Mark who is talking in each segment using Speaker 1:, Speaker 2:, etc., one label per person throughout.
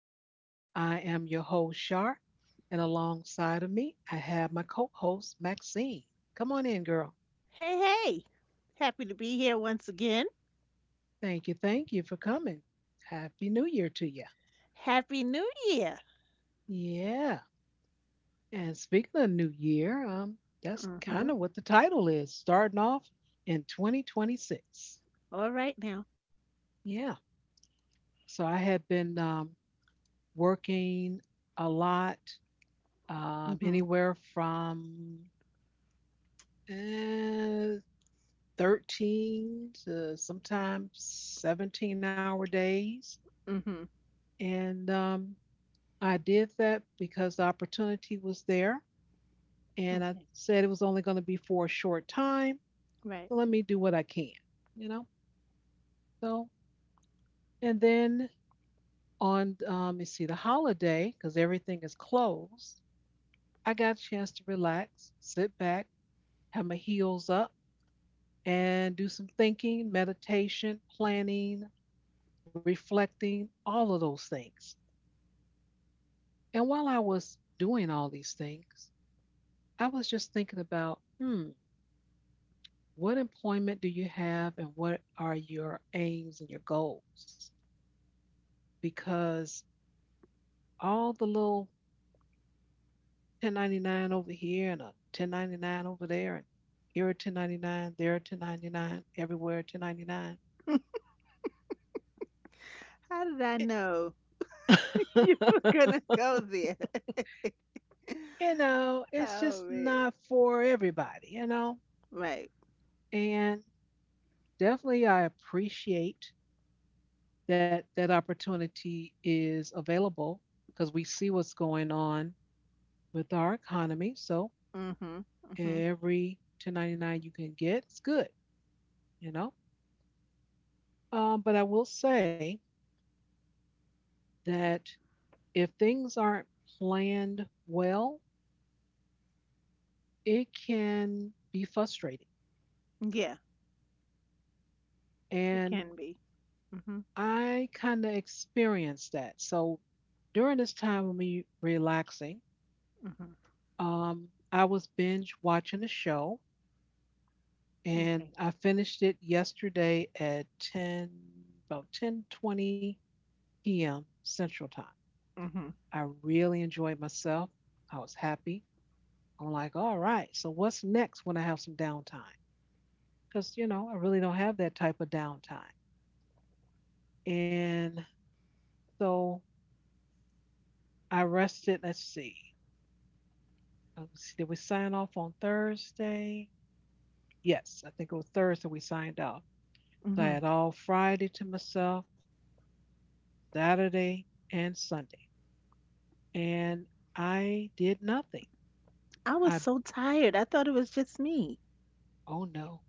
Speaker 1: land. I am your host, Shar, and alongside of me, I have my co host, Maxine. Come on in, girl.
Speaker 2: Hey, hey. Happy to be here once again.
Speaker 1: Thank you. Thank you for coming. Happy New Year to you.
Speaker 2: Happy New Year.
Speaker 1: Yeah. And speaking of New Year, that's kind
Speaker 2: Mm-hmm.
Speaker 1: of what the title is starting off in 2026.
Speaker 2: All right now.
Speaker 1: Yeah. So I have been working a lot,
Speaker 2: Mm-hmm.
Speaker 1: anywhere from uh, 13 to sometimes 17-hour days.
Speaker 2: Mm-hmm.
Speaker 1: And I did that because the opportunity was there. And I
Speaker 2: Okay.
Speaker 1: said it was only going to be for a short time.
Speaker 2: Right.
Speaker 1: So let me do what I can, you know? So, and then on, you see, the holiday, because everything is closed, I got a chance to relax, sit back, have my heels up, and do some thinking, meditation, planning, reflecting, all of those things. And while I was doing all these things, I was just thinking about, hmm, what employment do you have and what are your aims and your goals? Because all the little 1099 over here and a 1099 over there, and here a 1099, there a 1099, everywhere a 1099.
Speaker 2: How did I
Speaker 1: It,
Speaker 2: know you were gonna go there?
Speaker 1: you know, it's
Speaker 2: Oh
Speaker 1: just
Speaker 2: man.
Speaker 1: not for everybody, you know?
Speaker 2: Right.
Speaker 1: And definitely I appreciate that that opportunity is available because we see what's going on with our economy. So
Speaker 2: Mm-hmm. Mm-hmm.
Speaker 1: every 1099 you can get, it's good, you know. But I will say that if things aren't planned well, it can be frustrating.
Speaker 2: Yeah, it
Speaker 1: And
Speaker 2: can be. Mm-hmm.
Speaker 1: I kind of experienced that. So during this time of me relaxing,
Speaker 2: Mm-hmm.
Speaker 1: I was binge watching a show and
Speaker 2: Okay.
Speaker 1: I finished it yesterday at 10 about 10:20 p.m. Central Time.
Speaker 2: Mm-hmm.
Speaker 1: I really enjoyed myself. I was happy. I'm like, all right, so what's next when I have some downtime? Because, you know, I really don't have that type of downtime. And so I rested. Let's see. Did we sign off on Thursday? Yes, I think it was Thursday we signed off. So I
Speaker 2: Mm-hmm.
Speaker 1: had all Friday to myself, Saturday, and Sunday. And I did nothing.
Speaker 2: I was
Speaker 1: I,
Speaker 2: so tired. I thought it was just me.
Speaker 1: oh no.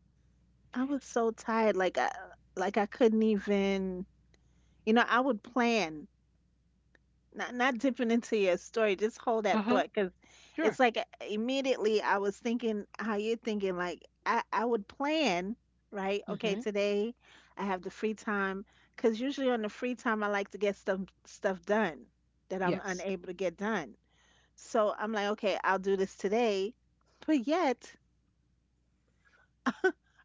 Speaker 2: I was so tired. Like I couldn't even. You know, I would plan. Not dipping into your story. Just hold
Speaker 1: Uh
Speaker 2: that
Speaker 1: huh.
Speaker 2: thought because it's
Speaker 1: Sure.
Speaker 2: like immediately I was thinking how you're thinking. Like I would plan, right? Okay,
Speaker 1: Hmm.
Speaker 2: today I have the free time, because usually on the free time I like to get stuff done that I'm
Speaker 1: Yes.
Speaker 2: unable to get done. So I'm like, okay, I'll do this today. But yet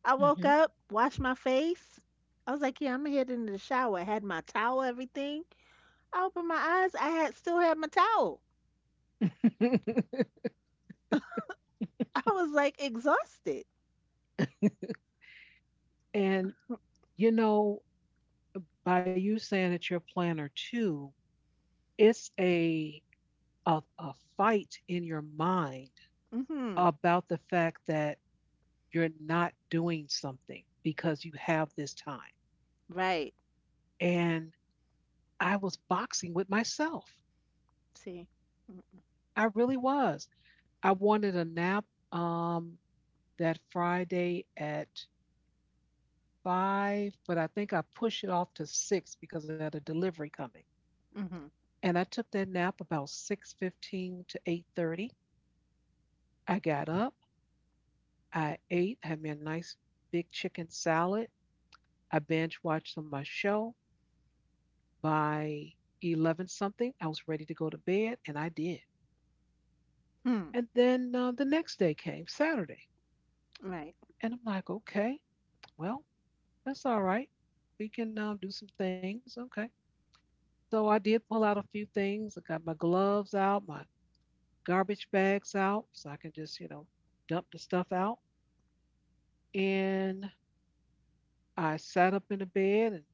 Speaker 2: I woke
Speaker 1: Mm-hmm.
Speaker 2: up, washed my face. I was like, yeah, I'm going to head into the shower. I had my towel, everything. I opened my eyes. I had still had my towel. I was like exhausted.
Speaker 1: And, you know, by you saying that you're a planner too, it's a fight in your mind
Speaker 2: Mhm.
Speaker 1: about the fact that you're not doing something because you have this time.
Speaker 2: Right.
Speaker 1: And I was boxing with myself.
Speaker 2: See.
Speaker 1: I really was. I wanted a nap um, that Friday at five, but I think I pushed it off to six because I had a delivery coming.
Speaker 2: Mhm.
Speaker 1: And I took that nap about 6:15 to 8:30. I got up, I ate, had me a nice big chicken salad. I binge watched some of my show. By 11 something, I was ready to go to bed, and I did.
Speaker 2: Hmm.
Speaker 1: And then the next day came, Saturday,
Speaker 2: Right.
Speaker 1: and I'm like, okay, well, that's all right. We can do some things, okay. So I did pull out a few things. I got my gloves out, my garbage bags out so I can just, you know, dump the stuff out. And I sat up in the bed and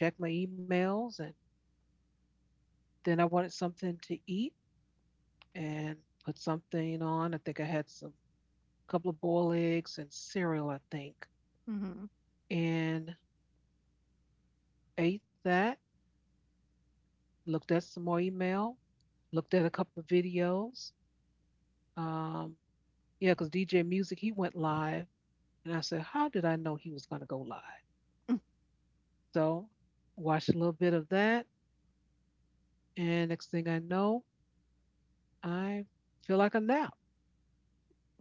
Speaker 1: checked my emails. And then I wanted something to eat and put something on. I think I had some couple of boiled eggs and cereal, I think,
Speaker 2: Mhm.
Speaker 1: and ate that. Looked at some more email. Looked at a couple of videos. Um, yeah, because DJ Music he went live, and I said, how did I know he was going to go live? So watched a little bit of that. And next thing I know, I feel like a nap.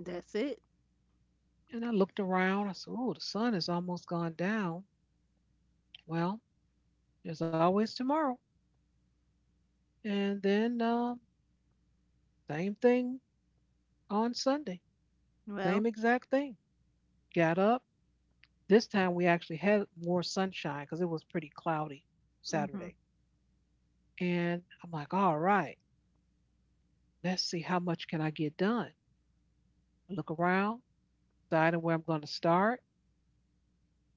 Speaker 2: That's it.
Speaker 1: And I looked around. I said, oh, the sun is almost gone down. Well, there's always tomorrow. And then same thing on Sunday, same
Speaker 2: Well.
Speaker 1: exact thing. Got up. This time we actually had more sunshine because it was pretty cloudy Saturday.
Speaker 2: Mhm.
Speaker 1: And I'm like, all right, let's see how much can I get done. I look around, deciding where I'm going to start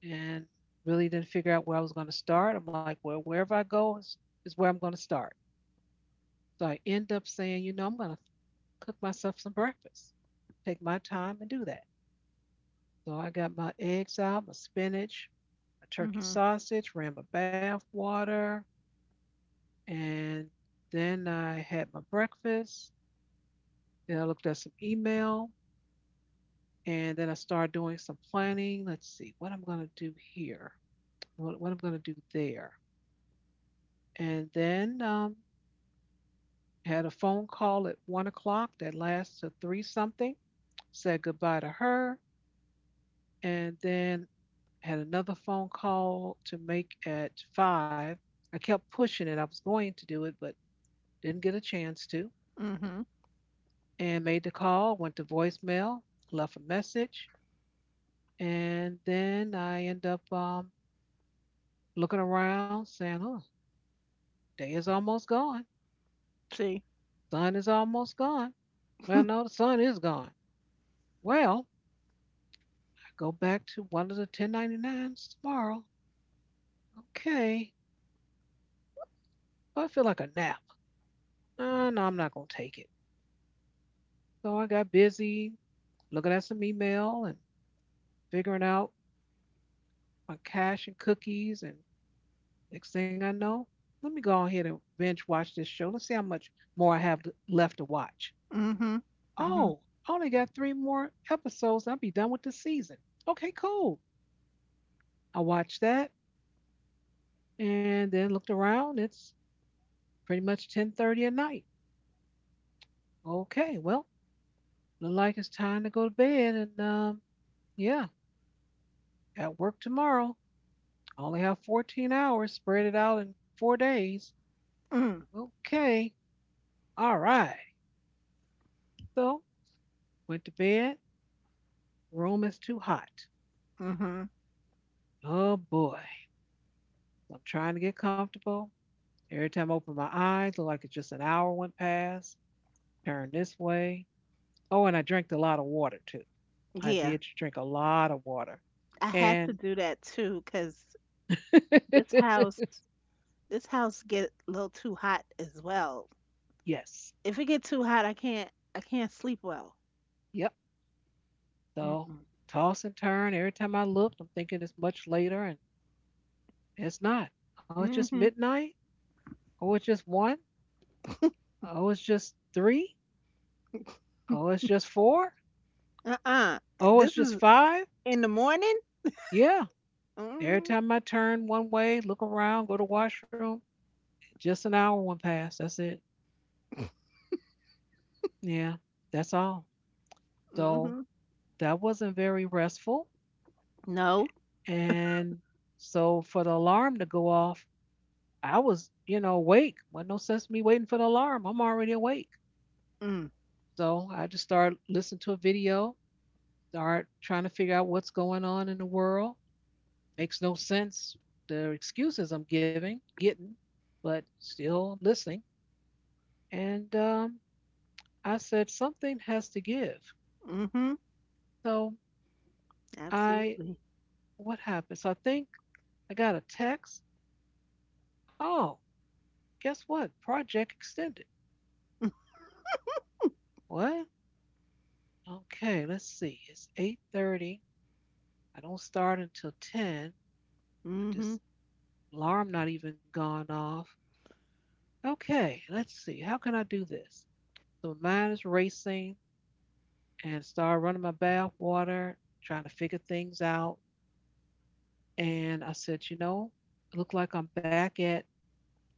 Speaker 1: and really didn't figure out where I was going to start. I'm like, well, wherever I go is where I'm going to start. So I end up saying, you know, I'm going to cook myself some breakfast, take my time and do that. So I got my eggs out, my spinach, my turkey
Speaker 2: Mhm.
Speaker 1: sausage, ran my bath water, and then I had my breakfast. Then I looked at some email, and then I started doing some planning. Let's see what I'm going to do here, what I'm going to do there. And then had a phone call at 1 o'clock that lasted till three something. Said goodbye to her, and then had another phone call to make at five. I kept pushing it. I was going to do it, but didn't get a chance to.
Speaker 2: Mhm.
Speaker 1: And made the call, went to voicemail, left a message, and then I end up looking around, saying, "Oh, day is almost gone.
Speaker 2: See.
Speaker 1: Sun is almost gone." Well, no, the sun is gone. Well, I go back to one of the 1099s tomorrow. Okay. Well, I feel like a nap. No, I'm not going to take it. So I got busy looking at some email and figuring out my cash and cookies. And next thing I know, let me go ahead and binge watch this show. Let's see how much more I have left to watch.
Speaker 2: Mhm. Mhm.
Speaker 1: Oh, I only got three more episodes. I'll be done with the season. Okay, cool. I watched that and then looked around. It's pretty much 10:30 at night. Okay, well, look like it's time to go to bed. And yeah, at work tomorrow. I only have 14 hours. Spread it out in 4 days.
Speaker 2: Mm.
Speaker 1: Okay. All right. So, went to bed. Room is too hot.
Speaker 2: Mhm.
Speaker 1: Oh boy. I'm trying to get comfortable. Every time I open my eyes, look like it's just an hour went past. Turn this way. Oh, and I drank a lot of water too. I
Speaker 2: Yeah.
Speaker 1: did drink a lot of water.
Speaker 2: I had to
Speaker 1: And
Speaker 2: do that too, cuz this house this house get a little too hot as well.
Speaker 1: yes,
Speaker 2: If it get too hot, I can't sleep well.
Speaker 1: yep. So
Speaker 2: Mm-mm.
Speaker 1: toss and turn. Every time I looked, I'm thinking it's much later and it's not. Oh, it's just
Speaker 2: Mhm.
Speaker 1: midnight. Oh, it's just one. Oh, it's just three. Oh, it's just four.
Speaker 2: Uh-uh.
Speaker 1: Oh, it's
Speaker 2: This
Speaker 1: just
Speaker 2: is
Speaker 1: five.
Speaker 2: in the morning?
Speaker 1: Yeah. Every
Speaker 2: Mhm.
Speaker 1: time I turn one way, look around, go to washroom, just an hour went past. That's it. Yeah. That's all. So
Speaker 2: Mhm.
Speaker 1: that wasn't very restful.
Speaker 2: No.
Speaker 1: And so for the alarm to go off, I was, you know, awake. Wasn't no sense me waiting for the alarm. I'm already awake.
Speaker 2: Mm.
Speaker 1: So I just started listening to a video, start trying to figure out what's going on in the world. Makes no sense. The excuses I'm giving, getting, but still listening. And I said, something has to give.
Speaker 2: Mhm.
Speaker 1: So I,
Speaker 2: Absolutely.
Speaker 1: what happened? So I think I got a text. Oh, guess what? Project extended. What? Okay, let's see. It's 8:30. I don't start until 10.
Speaker 2: Mhm.
Speaker 1: This alarm not even gone off. Okay, let's see. How can I do this? So mine is racing and started running my bath water, trying to figure things out. And I said, you know, it looked like I'm back at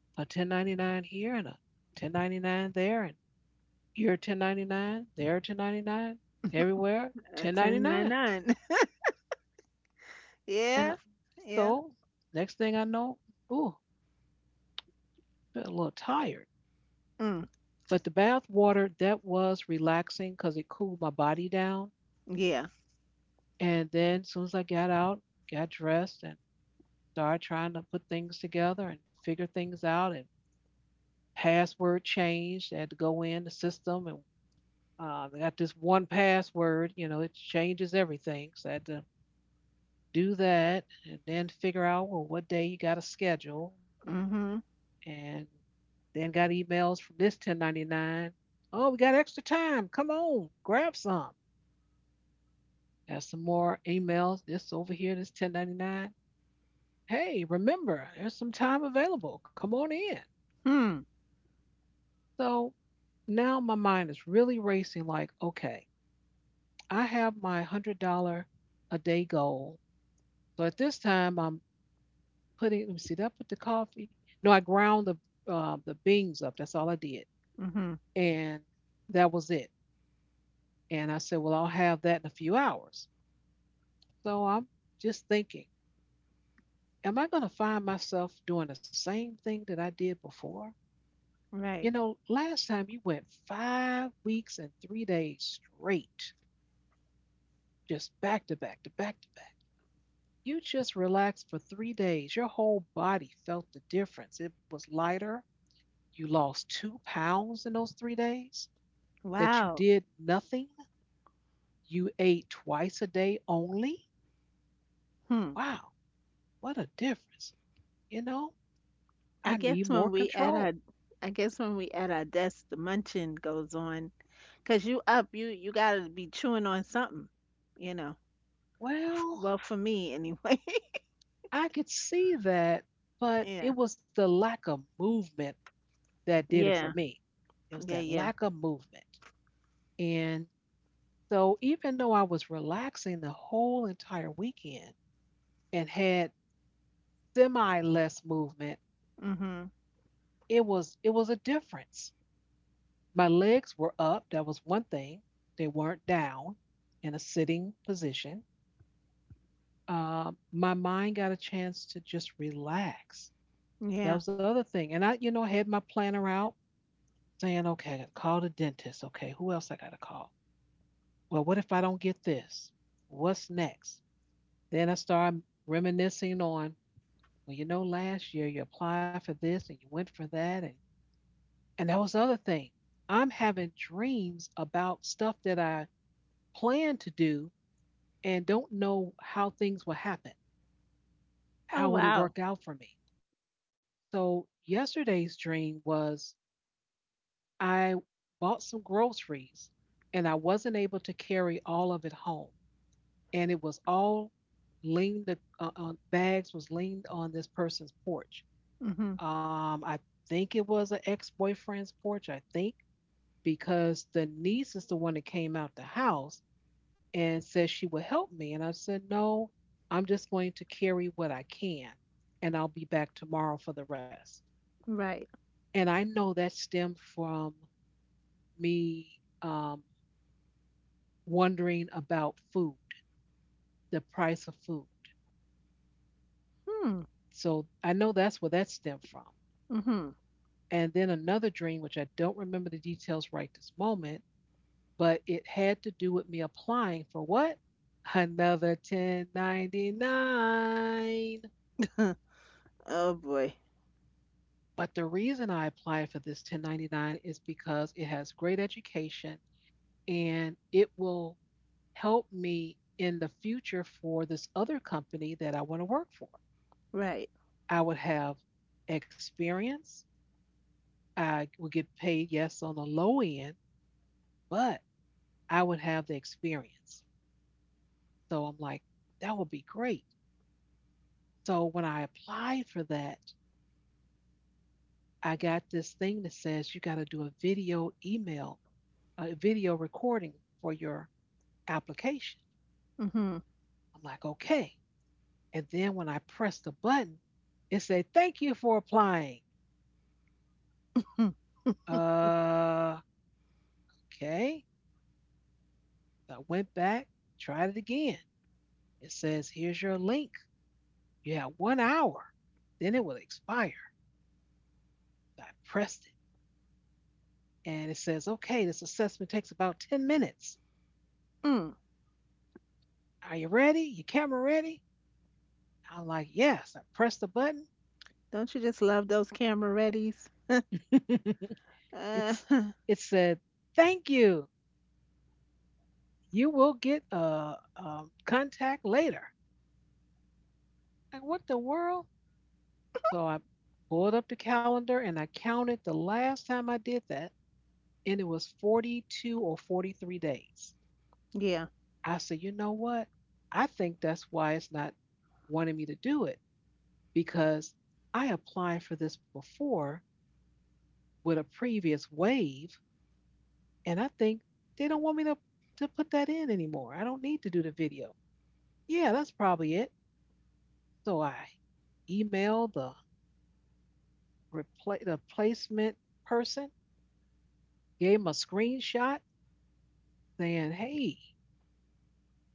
Speaker 1: a 1099 here and a 1099 there and here 1099, there 1099, everywhere
Speaker 2: A
Speaker 1: 1099.
Speaker 2: 1099.
Speaker 1: And
Speaker 2: Yeah. Yeah.
Speaker 1: so next thing I know, ooh, felt a little tired.
Speaker 2: Mm.
Speaker 1: But the bath water, that was relaxing because it cooled my body down.
Speaker 2: Yeah.
Speaker 1: And then as soon as I got out, got dressed and start trying to put things together and figure things out and password changed. They had to go in the system and they got this one password, you know, it changes everything. So I had to do that and then figure out, well, what day you got a schedule.
Speaker 2: Mhm.
Speaker 1: And then got emails from this 1099. Oh, we got extra time. Come on, grab some. Got some more emails. This over here, this 1099. Hey, remember, there's some time available. Come on in.
Speaker 2: Hmm.
Speaker 1: So now my mind is really racing like, okay, I have my $100 a day goal. So at this time, I'm putting, let me see, did I put the coffee? No, I ground the beans up. That's all I did.
Speaker 2: Mhm.
Speaker 1: And that was it. And I said, well, I'll have that in a few hours. So I'm just thinking, am I going to find myself doing the same thing that I did before? You
Speaker 2: Right.
Speaker 1: know, last time you went 5 weeks and 3 days straight, just back to back to back to back. You just relaxed for 3 days. Your whole body felt the difference. It was lighter. You lost 2 pounds in those 3 days that you
Speaker 2: Wow.
Speaker 1: did nothing. You ate twice a day only.
Speaker 2: Hmm.
Speaker 1: Wow, what a difference. You know, I
Speaker 2: I
Speaker 1: need
Speaker 2: guess
Speaker 1: more
Speaker 2: when we at
Speaker 1: control.
Speaker 2: our I guess when we at our desk, the munching goes on, 'cause you up you got to be chewing on something, you know.
Speaker 1: Well,
Speaker 2: Well, for me anyway.
Speaker 1: I could see that, but
Speaker 2: Yeah.
Speaker 1: it was the lack of movement that did it for
Speaker 2: Yeah.
Speaker 1: me. It was
Speaker 2: Yeah,
Speaker 1: that
Speaker 2: yeah.
Speaker 1: lack of movement. And so, even though I was relaxing the whole entire weekend, and had semi less movement,
Speaker 2: Mhm.
Speaker 1: it was a difference. My legs were up. That was one thing. They weren't down in a sitting position. My mind got a chance to just relax.
Speaker 2: Yeah.
Speaker 1: That was the other thing. And I, you know, had my planner out saying, okay, I got to call the dentist. Okay, who else I got to call? Well, what if I don't get this? What's next? Then I started reminiscing on, well, you know, last year you applied for this and you went for that and that was the other thing. I'm having dreams about stuff that I plan to do and don't know how things will happen.
Speaker 2: Oh
Speaker 1: How would it
Speaker 2: wow.
Speaker 1: work out for me? So, yesterday's dream was I bought some groceries and I wasn't able to carry all of it home. And it was all leaned the on bags was leaned on this person's porch.
Speaker 2: Mhm.
Speaker 1: I think it was an ex-boyfriend's porch, I think, because the niece is the one that came out the house and said she would help me. And I said, "No, I'm just going to carry what I can and I'll be back tomorrow for the rest."
Speaker 2: Right.
Speaker 1: And I know that stemmed from me um, wondering about food, the price of food.
Speaker 2: Hmm.
Speaker 1: So I know that's where that stemmed from.
Speaker 2: Mhm.
Speaker 1: And then another dream, which I don't remember the details right this moment, but it had to do with me applying for what? Another 1099.
Speaker 2: Oh boy.
Speaker 1: But the reason I applied for this 1099 is because it has great education and it will help me in the future for this other company that I want to work for.
Speaker 2: Right.
Speaker 1: I would have experience. I would get paid, yes, on the low end, but I would have the experience. So I'm like, that would be great. So when I applied for that, I got this thing that says you got to do a video email, a video recording for your application.
Speaker 2: Mm-hmm.
Speaker 1: I'm like, okay. And then when I press the button, it said, "Thank you for applying."
Speaker 2: Mm.
Speaker 1: Uh, okay. So I went back, tried it again. It says, "Here's your link. You have 1 hour, then it will expire." So I pressed it and it says, "Okay, this assessment takes about 10 minutes.
Speaker 2: Mm.
Speaker 1: Are you ready? Your camera ready?" I'm like, yes. I pressed the button.
Speaker 2: Don't you just love those camera readies? Uh,
Speaker 1: it's it said, "Thank you. You will get a, contact later." Like, what the world? So I pulled up the calendar and I counted the last time I did that, and it was 42 or 43 days.
Speaker 2: yeah.
Speaker 1: I said, you know what? I think that's why it's not wanting me to do it because I applied for this before with a previous wave, and I think they don't want me to put that in anymore. I don't need to do the video. Yeah, that's probably it. So I emailed the the placement person, gave him a screenshot saying, "Hey,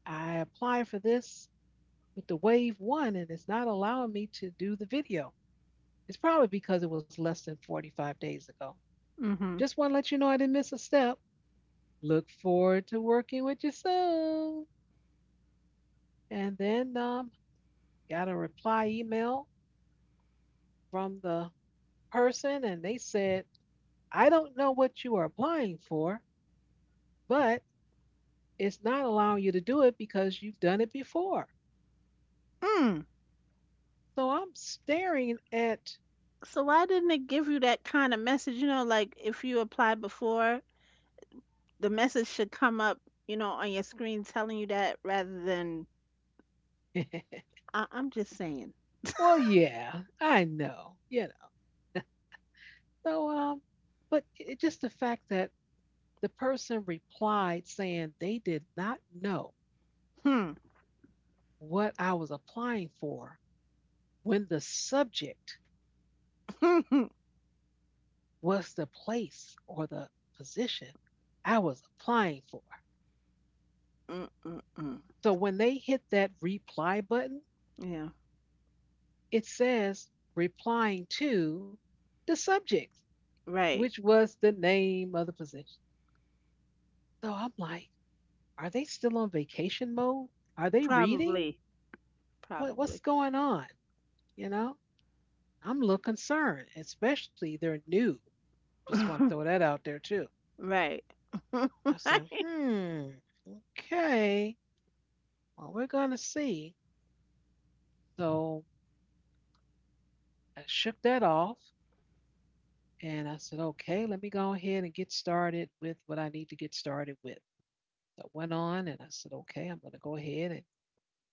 Speaker 1: I applied for this with the Wave One, and it's not allowing me to do the video. It's probably because it was less than 45 days ago.
Speaker 2: Mm-hmm.
Speaker 1: Just want to let you know I didn't miss a step. Look forward to working with you soon." And then got a reply email from the person, and they said, "I don't know what you are applying for, but it's not allowing you to do it because you've done it before."
Speaker 2: Mm.
Speaker 1: So I'm staring at,
Speaker 2: So why didn't it give you that kind of message? You know, like if you applied before, the message should come up, you know, on your screen telling you that rather than I'm just saying.
Speaker 1: well, yeah, I know, you know. So, but it, just the fact that the person replied saying they did not know
Speaker 2: Hmm.
Speaker 1: what I was applying for when the subject was the place or the position I was applying for.
Speaker 2: Mm, mm, mm.
Speaker 1: So when they hit that reply button,
Speaker 2: Yeah.
Speaker 1: it says replying to the subject,
Speaker 2: Right.
Speaker 1: which was the name of the position. So I'm like, are they still on vacation mode? Are they reading?
Speaker 2: Probably.
Speaker 1: What's
Speaker 2: Probably.
Speaker 1: going on? You know, I'm a little concerned, especially they're new. Just want to throw that out there too.
Speaker 2: Right.
Speaker 1: I said,
Speaker 2: Right.
Speaker 1: hmm, okay, well, we're going to see. So I shook that off and I said, okay, let me go ahead and get started with what I need to get started with. So I went on and I said, okay, I'm going to go ahead and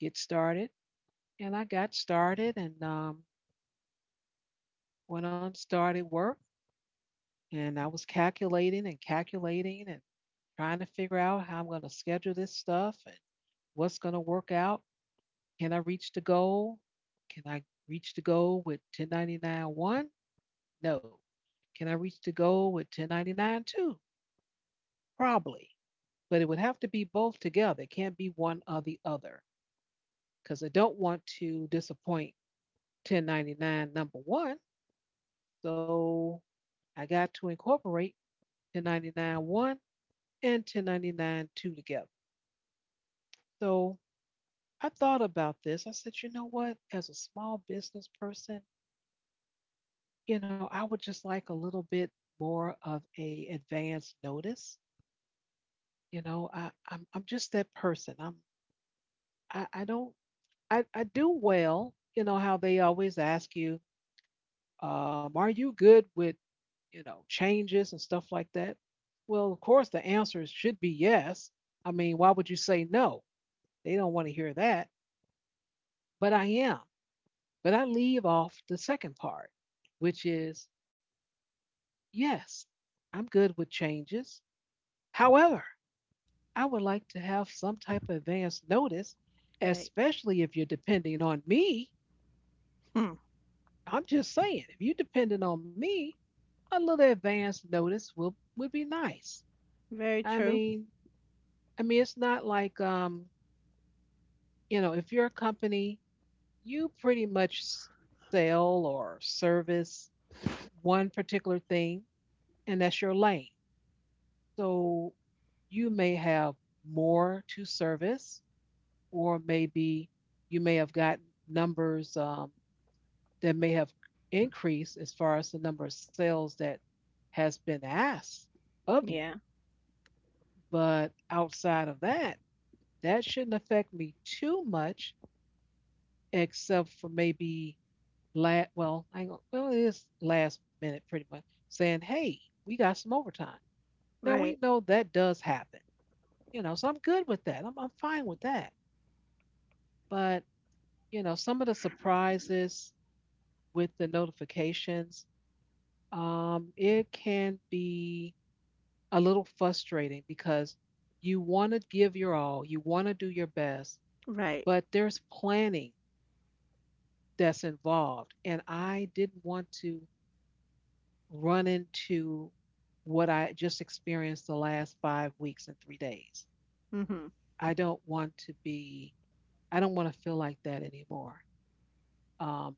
Speaker 1: get started. And I got started and went on, started work, and I was calculating and calculating and trying to figure out how I'm going to schedule this stuff and what's going to work out. Can I reach the goal? Can I reach the goal with 1099-1? No. Can I reach the goal with 1099-2? Probably. But it would have to be both together. It can't be one or the other because I don't want to disappoint 1099 number one. So I got to incorporate 1099-1 and 1099-2 together. So I thought about this. I said, you know what? As a small business person, you know, I would just like a little bit more of a advance notice. You know, I'm just that person. I'm I don't I do well. You know how they always ask you, are you good with, you know, changes and stuff like that? Well, of course the answer should be yes. I mean, why would you say no? They don't want to hear that. But I am. But I leave off the second part, which is yes, I'm good with changes. However, I would like to have some type of advance notice,
Speaker 2: Right.
Speaker 1: especially if you're depending on me.
Speaker 2: Hmm.
Speaker 1: I'm just saying, if you're depending on me, a little advance notice will would be nice.
Speaker 2: Very
Speaker 1: I
Speaker 2: true.
Speaker 1: mean, I mean, it's not like you know, if you're a company, you pretty much sell or service one particular thing and that's your lane. So you may have more to service, or maybe you may have gotten numbers that may have increased as far as the number of sales that has been asked of you.
Speaker 2: Yeah.
Speaker 1: But outside of that, that shouldn't affect me too much, except for maybe last, well, I well, it is last minute pretty much saying, hey, we got some overtime. Now we
Speaker 2: Right.
Speaker 1: know that does happen. You know, so I'm good with that. I'm fine with that. But, you know, some of the surprises with the notifications, it can be a little frustrating because you want to give your all, you want to do your best,
Speaker 2: Right.
Speaker 1: but there's planning that's involved. And I didn't want to run into what I just experienced the last 5 weeks and 3 days.
Speaker 2: Mm-hmm.
Speaker 1: I don't want to be, I don't want to feel like that anymore. Um,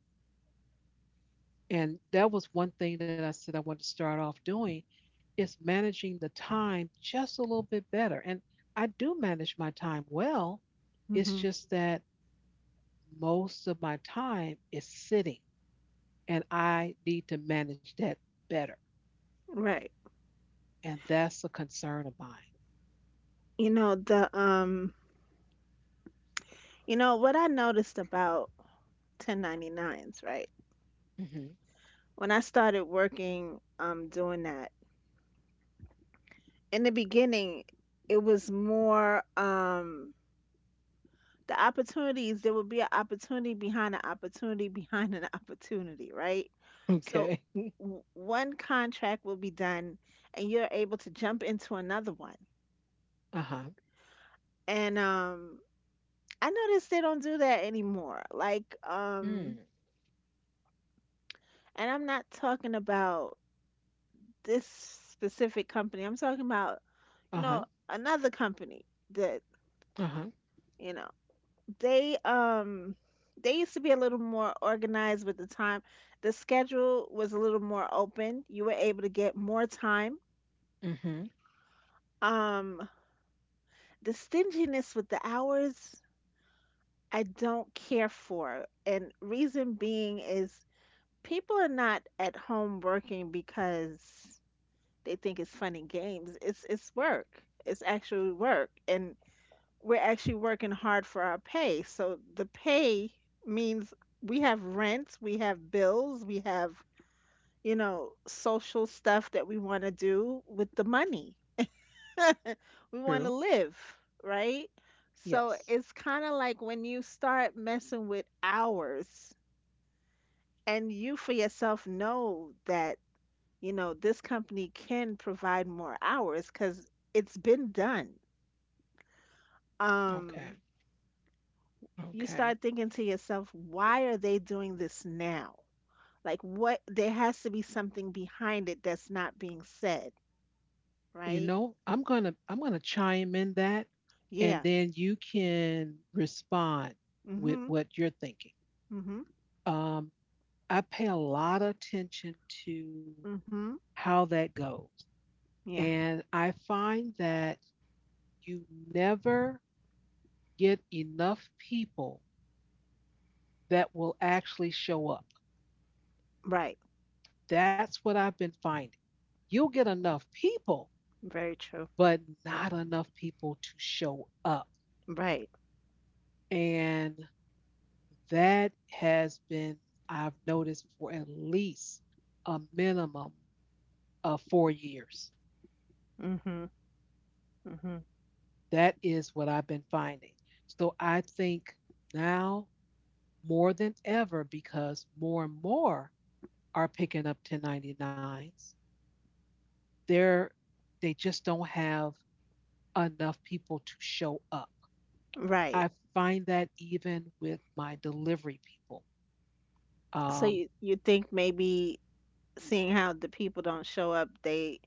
Speaker 1: And that was one thing that I said I wanted to start off doing is managing the time just a little bit better. And I do manage my time well. It's
Speaker 2: Mm-hmm.
Speaker 1: just that most of my time is sitting and I need to manage that better.
Speaker 2: Right.
Speaker 1: And that's a concern of mine.
Speaker 2: You know, the you know what I noticed about 1099s, right?
Speaker 1: Mhm.
Speaker 2: When I started working doing that, in the beginning it was more the opportunities, there would be an opportunity behind an opportunity behind an opportunity, right? So
Speaker 1: Okay.
Speaker 2: one contract will be done and you're able to jump into another one.
Speaker 1: Uh huh.
Speaker 2: And I noticed they don't do that anymore.
Speaker 1: Mm.
Speaker 2: And I'm not talking about this specific company. I'm talking about, you
Speaker 1: Uh huh.
Speaker 2: know, another company that,
Speaker 1: Uh huh.
Speaker 2: you know, they um they used to be a little more organized with the time. The schedule was a little more open. You were able to get more time.
Speaker 1: Mhm.
Speaker 2: Um the stinginess with the hours, I don't care for. And reason being is, people are not at home working because they think it's fun and games. It's work. It's actually work, and we're actually working hard for our pay. So the pay means we have rent, we have bills, we have, you know, social stuff that we want to do with the money. We want to
Speaker 1: True.
Speaker 2: live, right? So
Speaker 1: Yes.
Speaker 2: it's kind of like, when you start messing with hours and you for yourself know that, you know, this company can provide more hours because it's been done.
Speaker 1: Okay.
Speaker 2: um you
Speaker 1: Okay.
Speaker 2: start thinking to yourself, why are they doing this now? Like, what, there has to be something behind it that's not being said,
Speaker 1: You
Speaker 2: right?
Speaker 1: know, I'm gonna chime in that and
Speaker 2: Yeah.
Speaker 1: then you can respond with
Speaker 2: Mhm.
Speaker 1: what you're thinking.
Speaker 2: Mhm.
Speaker 1: Um, I pay a lot of attention to
Speaker 2: Mhm.
Speaker 1: how that goes.
Speaker 2: Yeah.
Speaker 1: And I find that you never get enough people that will actually show up.
Speaker 2: Right.
Speaker 1: That's what I've been finding. You'll get enough people
Speaker 2: Very true.
Speaker 1: but not enough people to show up.
Speaker 2: Right.
Speaker 1: And that has been, I've noticed, for at least a minimum of 4 years.
Speaker 2: Mhm. Mhm.
Speaker 1: That is what I've been finding. So I think now more than ever, because more and more are picking up 1099s, they're, they just don't have enough people to show up.
Speaker 2: right
Speaker 1: I find that even with my delivery people.
Speaker 2: so
Speaker 1: Um,
Speaker 2: you think maybe, seeing how the people don't show up,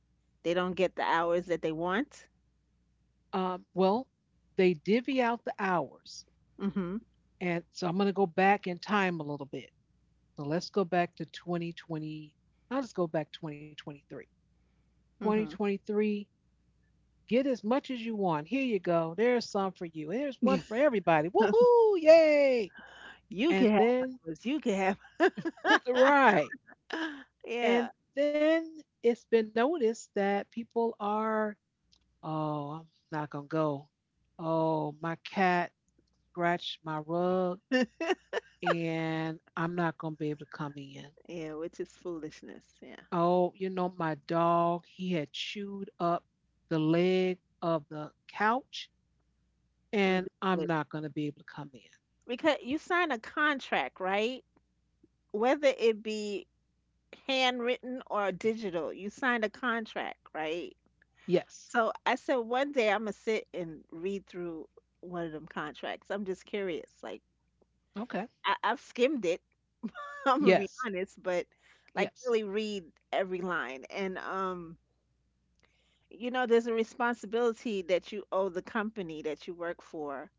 Speaker 2: they don't get the hours that they want?
Speaker 1: well, they divvy out the hours.
Speaker 2: Mhm.
Speaker 1: And so I'm going to go back in time a little bit. So let's go back to 2020. I'll just go back 2023.
Speaker 2: Mhm.
Speaker 1: 2023, get as much as you want. Here you go. There's some for you. There's one for everybody. Woohoo! Yay!
Speaker 2: You
Speaker 1: And
Speaker 2: can have
Speaker 1: then,
Speaker 2: hours, you can have.
Speaker 1: right.
Speaker 2: Yeah.
Speaker 1: And then it's been noticed that people are, oh, I'm not going to go. Oh, my cat scratched my rug and I'm not going to be able to come in.
Speaker 2: Yeah, which is foolishness. Yeah.
Speaker 1: Oh, you know, my dog, he had chewed up the leg of the couch, and I'm
Speaker 2: Ridiculous.
Speaker 1: not going to be able to come in.
Speaker 2: Because you sign a contract, right? Whether it be handwritten or digital, you signed a contract, right?
Speaker 1: Yes.
Speaker 2: So I said, one day I'm gonna sit and read through one of them contracts. I'm just curious. Like
Speaker 1: Okay.
Speaker 2: I've skimmed it. I'm gonna be
Speaker 1: Yes.
Speaker 2: honest, but like really
Speaker 1: Yes.
Speaker 2: read every line. And You know, there's a responsibility that you owe the company that you work for.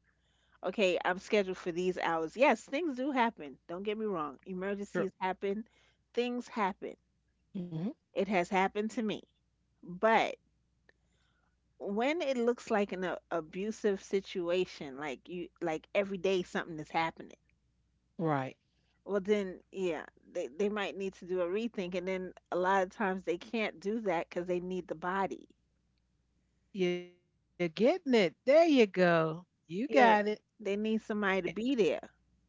Speaker 2: Okay, I'm scheduled for these hours. Yes, things do happen. Don't get me wrong. Emergencies
Speaker 1: True.
Speaker 2: happen, things happen.
Speaker 1: Hmm.
Speaker 2: It has happened to me. But when it looks like an abusive situation, like like every day something is happening,
Speaker 1: Right.
Speaker 2: well, then, yeah, they might need to do a rethink. And then a lot of times they can't do that because they need the body.
Speaker 1: You're getting it. There you go. You
Speaker 2: Yeah,
Speaker 1: got it.
Speaker 2: they need somebody to be there.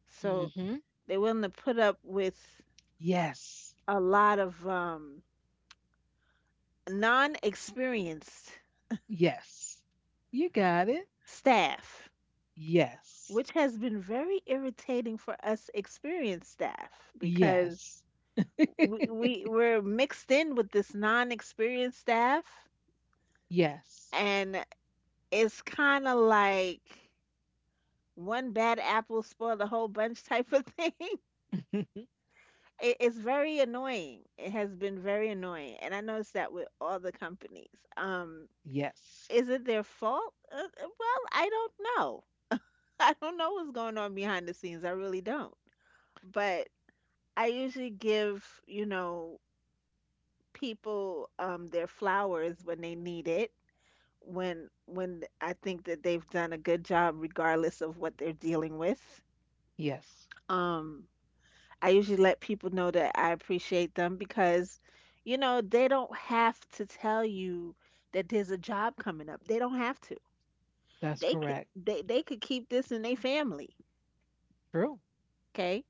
Speaker 2: So
Speaker 1: Mm-hmm.
Speaker 2: they're willing to put up with a
Speaker 1: Yes.
Speaker 2: lot of non-experienced
Speaker 1: Yes. You got it.
Speaker 2: staff, which
Speaker 1: Yes.
Speaker 2: has been very irritating for us experienced staff, because
Speaker 1: Yes.
Speaker 2: we, we we're mixed in with this non-experienced staff,
Speaker 1: Yes.
Speaker 2: and it's kind of like one bad apple spoiled the whole bunch type of thing. It's very annoying. It has been very annoying, and I noticed that with all the companies. Um,
Speaker 1: yes.
Speaker 2: is it their fault? Well, I don't know. I don't know what's going on behind the scenes. I really don't. But I usually give, you know, people their flowers when they need it, when I think that they've done a good job regardless of what they're dealing with.
Speaker 1: Yes.
Speaker 2: Um I usually let people know that I appreciate them because, you know, they don't have to tell you that there's a job coming up. They don't have to.
Speaker 1: That's
Speaker 2: They could
Speaker 1: correct.
Speaker 2: they they could keep this in their family.
Speaker 1: True.
Speaker 2: Okay?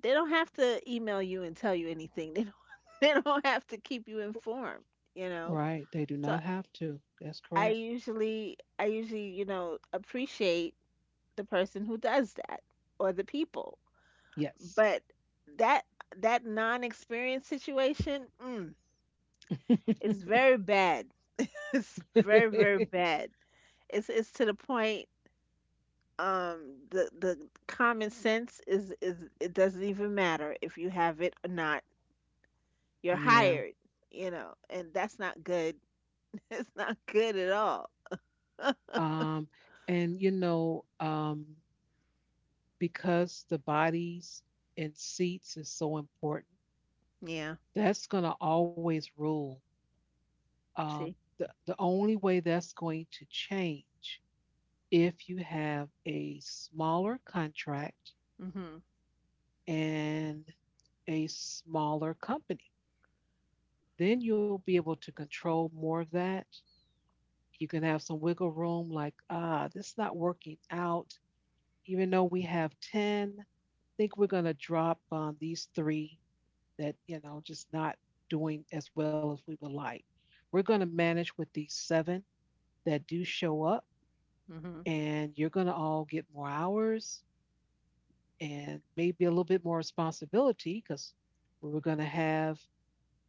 Speaker 2: They don't have to email you and tell you anything. They don't they don't have to keep you informed, you know.
Speaker 1: Right. They do
Speaker 2: So
Speaker 1: not have to. That's
Speaker 2: I
Speaker 1: correct.
Speaker 2: usually I usually, you know, appreciate the person who does that, or the people.
Speaker 1: Yes.
Speaker 2: But that that non-experience situation, is very bad. It's very, very bad. It's to the point, um the common sense, is it doesn't even matter if you have it or not, you're
Speaker 1: Yeah.
Speaker 2: hired, you know, and that's not good. It's not good at all.
Speaker 1: Um, and you know, because the bodies and seats is so important,
Speaker 2: Yeah.
Speaker 1: that's gonna always rule. Um,
Speaker 2: See.
Speaker 1: the only way that's going to change if you have a smaller contract
Speaker 2: Mhm.
Speaker 1: and a smaller company, then you'll be able to control more of that. You can have some wiggle room, like, this is not working out. Even though we have 10, I think we're going to drop on these three that, you know, just not doing as well as we would like. We're going to manage with these seven that do show up,
Speaker 2: Mhm.
Speaker 1: and you're going to all get more hours and maybe a little bit more responsibility because we were going to have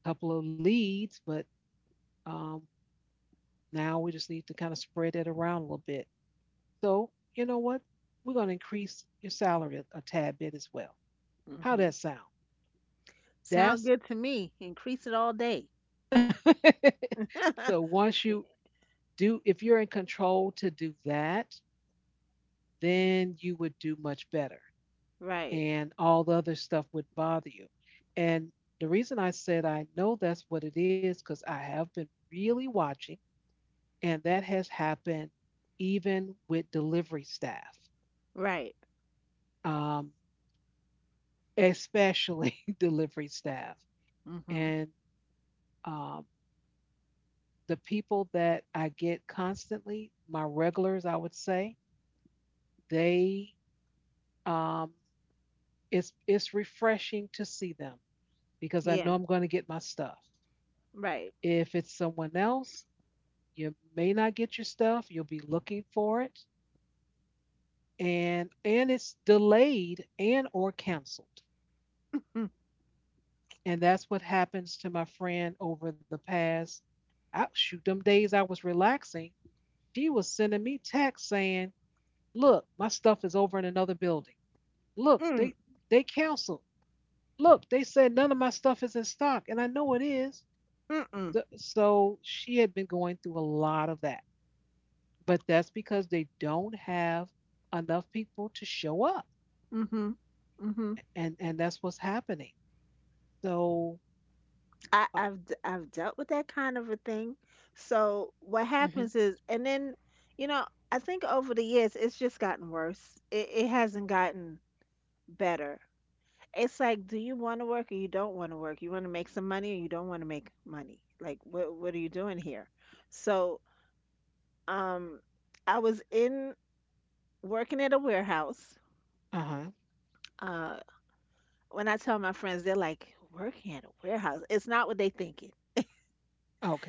Speaker 1: a couple of leads, but um, now we just need to kind of spread that around a little bit. So, you know what? We're going to increase your salary a tad bit as well. How
Speaker 2: Mhm.
Speaker 1: does that sound?
Speaker 2: Sound
Speaker 1: That's,
Speaker 2: good to me. Increase it all day.
Speaker 1: so once
Speaker 2: Yeah.
Speaker 1: you do, if you're in control to do that, then you would do much better,
Speaker 2: Right.
Speaker 1: and all the other stuff would bother you. And the reason I said I know that's what it is because I have been really watching, and that has happened even with delivery staff,
Speaker 2: Right.
Speaker 1: um, especially delivery staff.
Speaker 2: Mhm.
Speaker 1: And um, the people that I get constantly, my regulars, I would say, they um, it's refreshing to see them because I
Speaker 2: Yeah.
Speaker 1: know I'm going to get my stuff.
Speaker 2: Right.
Speaker 1: If it's someone else, you may not get your stuff. You'll be looking for it, and it's delayed and or canceled.
Speaker 2: Mm.
Speaker 1: And that's what happens to my friend over the past. Shoot, them days I was relaxing, she was sending me texts saying, "Look, my stuff is over in another building." Look,
Speaker 2: Mm.
Speaker 1: they canceled. Look, they said none of my stuff is in stock, and I know it is. So,
Speaker 2: Mm.
Speaker 1: so she had been going through a lot of that, but that's because they don't have enough people to show up,
Speaker 2: Mhm. Mhm.
Speaker 1: and that's what's happening. So,
Speaker 2: I
Speaker 1: uh
Speaker 2: I've d- I've dealt with that kind of a thing. So what
Speaker 1: huh,
Speaker 2: happens is, and then, you know, I think over the years it's just gotten worse. It hasn't gotten better. It's like, do you want to work or you don't want to work? You want to make some money or you don't want to make money? Like, what are you doing here? So, um, I was in working at a warehouse.
Speaker 1: uh huh,
Speaker 2: Uh, when I tell my friends, they're like, working at a warehouse. It's not what they thinking.
Speaker 1: okay,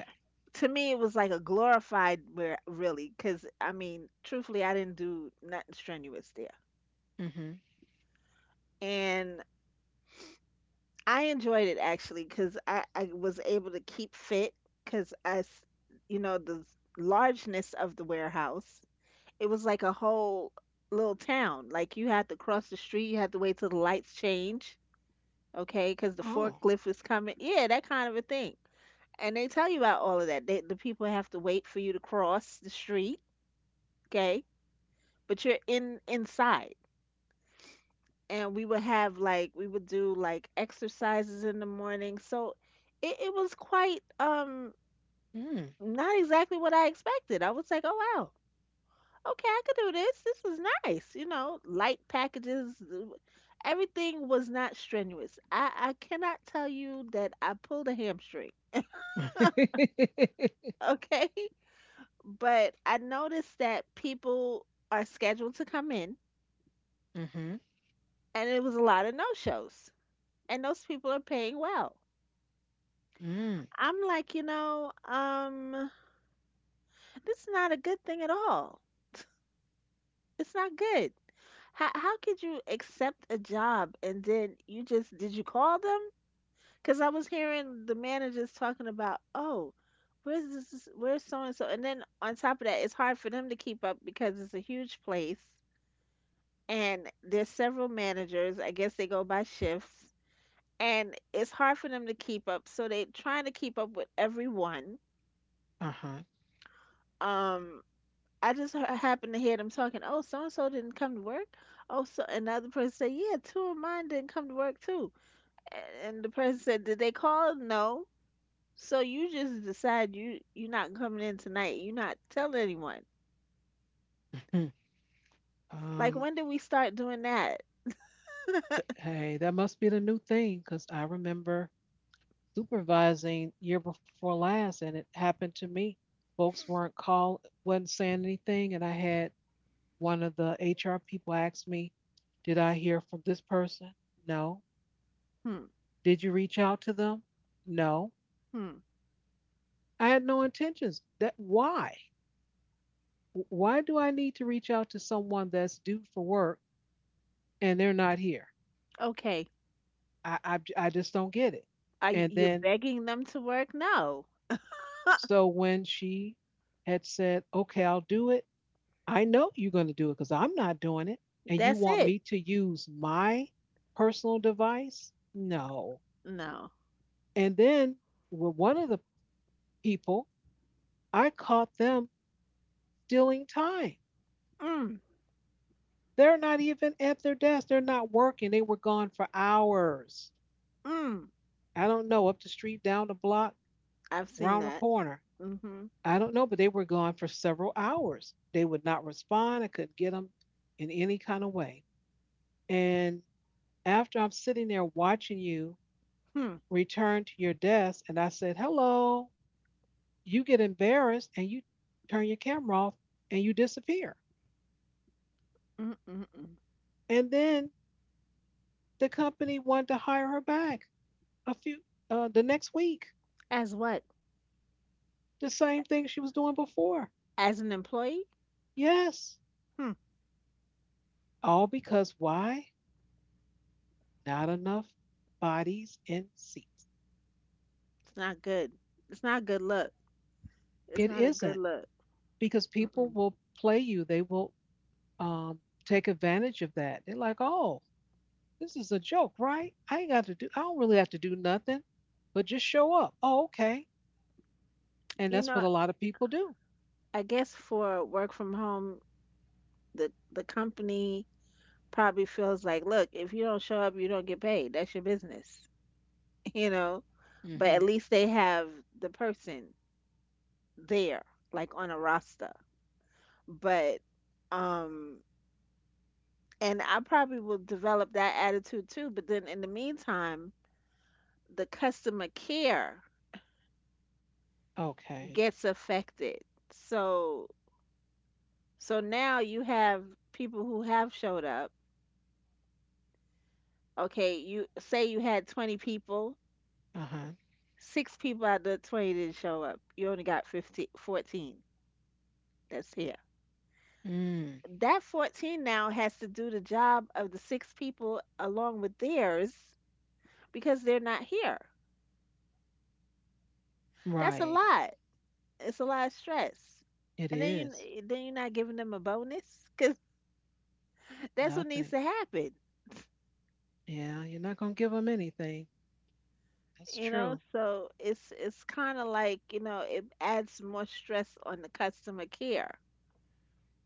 Speaker 2: To me, it was like a glorified where really, because I mean, truthfully, I didn't do nothing strenuous there.
Speaker 1: mm-hmm.
Speaker 2: And I enjoyed it actually, because I was able to keep fit because you know, the largeness of the warehouse, it was like a whole little town. Like you had to cross the street, you had to wait till the lights change, okay, because the
Speaker 1: Oh,
Speaker 2: forklift is coming. Yeah, that kind of a thing. And they tell you about all of that. The people have to wait for you to cross the street, okay, but you're in inside. And we would have, like, we would do like exercises in the morning. So it was quite
Speaker 1: mm.
Speaker 2: not exactly what I expected. I was like, oh wow, okay, I could do this. This is nice, you know, light packages. Everything was not strenuous. I cannot tell you that I pulled a hamstring, okay? But I noticed that people are scheduled to come in,
Speaker 1: Mm-hmm.
Speaker 2: and it was a lot of no shows, and those people are paying well.
Speaker 1: Mm,
Speaker 2: I'm like, you know, this is not a good thing at all. It's not good. How could you accept a job and then you just, did you call them? Because I was hearing the managers talking about, oh, where's where's so and so, and then on top of that, it's hard for them to keep up because it's a huge place and there's several managers. I guess they go by shifts, and it's hard for them to keep up. So they trying to keep up with everyone.
Speaker 1: uh huh.
Speaker 2: Um, I just happened to hear them talking. Oh, so and so didn't come to work. Oh, so another person said, yeah, two of mine didn't come to work too. And the person said, did they call? No. So you just decide you're not coming in tonight. You're not telling anyone. Like
Speaker 1: Um,
Speaker 2: when did we start doing that?
Speaker 1: hey, that must be the new thing because I remember supervising year before last, and it happened to me. Folks weren't called, wasn't saying anything, and I had one of the HR people ask me, "Did I hear from this person?" No.
Speaker 2: Hmm.
Speaker 1: Did you reach out to them? No.
Speaker 2: Hmm.
Speaker 1: I had no intentions. That why? Why do I need to reach out to someone that's due for work and they're not here?
Speaker 2: Okay.
Speaker 1: I just don't get it. And
Speaker 2: You're
Speaker 1: then
Speaker 2: begging them to work? No.
Speaker 1: so when she had said, "Okay, I'll do it," I know you're going to do it because I'm not doing it. And you
Speaker 2: That's
Speaker 1: want
Speaker 2: it.
Speaker 1: me to use my personal device? No.
Speaker 2: No.
Speaker 1: And then with one of the people, I caught them stealing time.
Speaker 2: Mm.
Speaker 1: They're not even at their desk, they're not working. They were gone for hours.
Speaker 2: Mm.
Speaker 1: I don't know, up the street, down the block,
Speaker 2: I've
Speaker 1: around the
Speaker 2: seen that.
Speaker 1: corner.
Speaker 2: Mm-hmm.
Speaker 1: I don't know, but they were gone for several hours. They would not respond. I couldn't get them in any kind of way. And after I'm sitting there watching you
Speaker 2: Hmm.
Speaker 1: return to your desk and I said, hello, you get embarrassed and you turn your camera off and you disappear.
Speaker 2: Mm-mm-mm.
Speaker 1: And then the company wanted to hire her back a few the next week,
Speaker 2: As what?
Speaker 1: the same thing she was doing before.
Speaker 2: As an employee?
Speaker 1: Yes,
Speaker 2: Hmm.
Speaker 1: all because why? Not enough bodies in seats.
Speaker 2: It's not good. It's not good look.
Speaker 1: It
Speaker 2: It's not a
Speaker 1: isn't
Speaker 2: good look.
Speaker 1: because people
Speaker 2: Mm-mm.
Speaker 1: will play you. They will um, take advantage of that. They're like, oh, this is a joke, right? I ain't got to do, I don't really have to do nothing but just show up. Oh, okay. And that's
Speaker 2: You
Speaker 1: what a
Speaker 2: know,
Speaker 1: lot of people do.
Speaker 2: I guess for work from home, the company probably feels like, look, if you don't show up, you don't get paid. That's your business, you know. But
Speaker 1: Mm-hmm.
Speaker 2: at least they have the person there, like on a roster. But um, and I probably will develop that attitude too. But then in the meantime, the customer care
Speaker 1: Okay.
Speaker 2: gets affected. So So now you have people who have showed up. Okay, you say you had 20 people,
Speaker 1: Uh huh.
Speaker 2: six people out of the 20 didn't show up. You only got 15, 14 that's here.
Speaker 1: Mm,
Speaker 2: That 14 now has to do the job of the six people along with theirs because they're not here. That's a
Speaker 1: right.
Speaker 2: lot. It's a lot of stress.
Speaker 1: It
Speaker 2: And then
Speaker 1: is
Speaker 2: you're not giving them a bonus because that's what needs
Speaker 1: nothing.
Speaker 2: to happen.
Speaker 1: Yeah. You're not going to give them anything. That's
Speaker 2: you know
Speaker 1: true.
Speaker 2: so it's kind of like, it adds more stress on the customer care.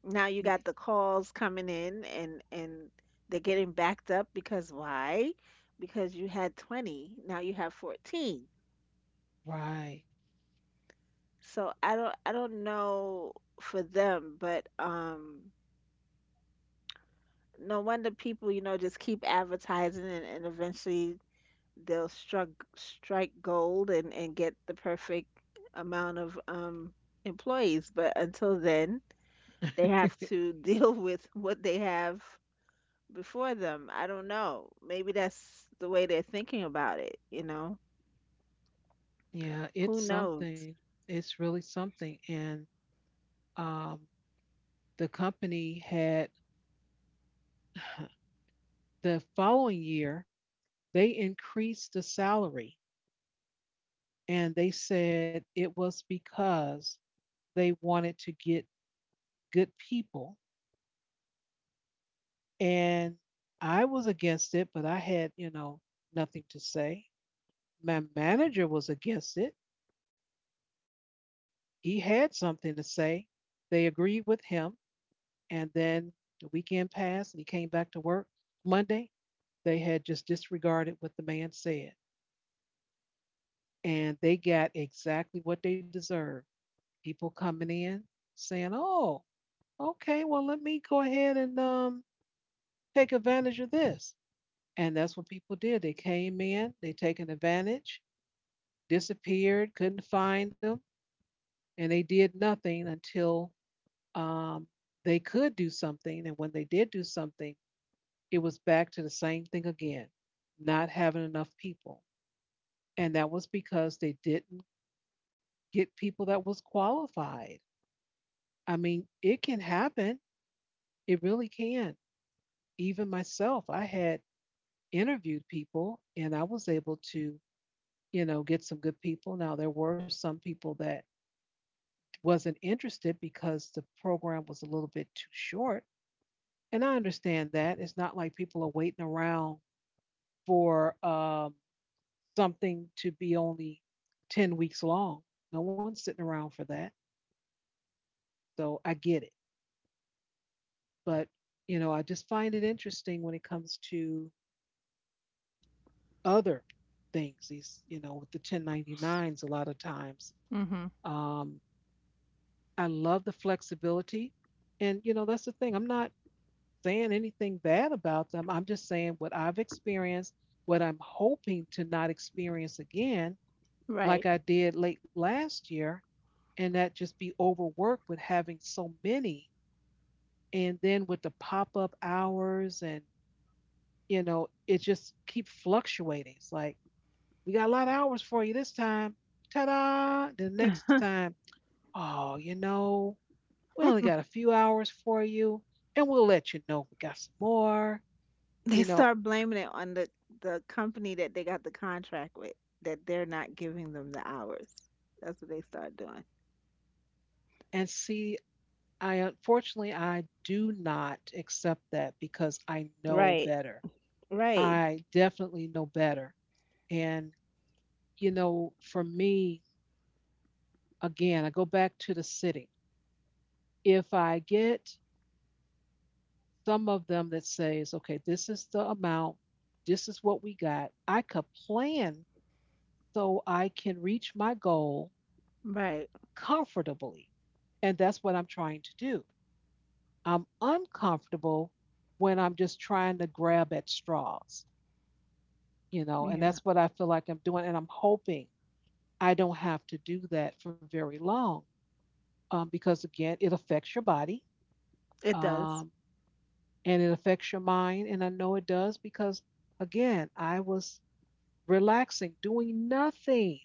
Speaker 2: Now you
Speaker 1: Y-
Speaker 2: got the calls coming in, and they're getting backed up because why? Because you had 20, now you have 14.
Speaker 1: Right.
Speaker 2: So I don't know for them. But no wonder people, just keep advertising, and eventually they'll strike gold and get the perfect amount of employees. But until then they have to deal with what they have before them. I don't know, maybe that's the way they're thinking about it, you know.
Speaker 1: Yeah.
Speaker 2: Who
Speaker 1: It's something.
Speaker 2: knows?
Speaker 1: It's really something. And um, the company had the following year, they increased the salary. And they said it was because they wanted to get good people. And I was against it, but I had, you know, nothing to say. My manager was against it. He had something to say. They agreed with him. And then the weekend passed and he came back to work. Monday, they had just disregarded what the man said. And they got exactly what they deserved. People coming in saying, oh, okay, well, let me go ahead and take advantage of this. And that's what people did. They came in, they taken advantage, disappeared, couldn't find them, and they did nothing until um, they could do something. And when they did do something, it was back to the same thing again, not having enough people. And that was because they didn't get people that was qualified. I mean, it can happen. It really can. Even myself, I had interviewed people and I was able to, you know, get some good people. Now there were some people that wasn't interested because the program was a little bit too short. And I understand that. It's not like people are waiting around for something to be only 10 weeks long. No one's sitting around for that. So I get it. But, you know, I just find it interesting when it comes to other things. These, you know, with the 1099s, a lot of times
Speaker 2: Mm-hmm.
Speaker 1: um, I love the flexibility. And, you know, that's the thing. I'm not saying anything bad about them. I'm just saying what I've experienced, what I'm hoping to not experience again, like
Speaker 2: Right.
Speaker 1: I did late last year, and that just be overworked with having so many. And then with the pop up hours, and, you know, it just keep fluctuating. It's like, we got a lot of hours for you this time. Ta da! The next time, oh, you know, we only got a few hours for you, and we'll let you know if we got some more,
Speaker 2: They
Speaker 1: you know.
Speaker 2: start blaming it on the company that they got the contract with, that they're not giving them the hours. That's what they start doing.
Speaker 1: And see, I unfortunately I do not accept that because I know
Speaker 2: Right,
Speaker 1: better.
Speaker 2: right.
Speaker 1: I definitely know better. And you know, for me, again, I go back to the city. If I get some of them that says, okay, this is the amount, this is what we got, I could plan so I can reach my goal
Speaker 2: Right.
Speaker 1: comfortably. And that's what I'm trying to do. I'm uncomfortable when I'm just trying to grab at straws, you know, and
Speaker 2: Yeah,
Speaker 1: that's what I feel like I'm doing. And I'm hoping I don't have to do that for very long because, again, it affects your body
Speaker 2: it does.
Speaker 1: um, and it affects your mind. And I know it does because, again, I was relaxing, doing nothing,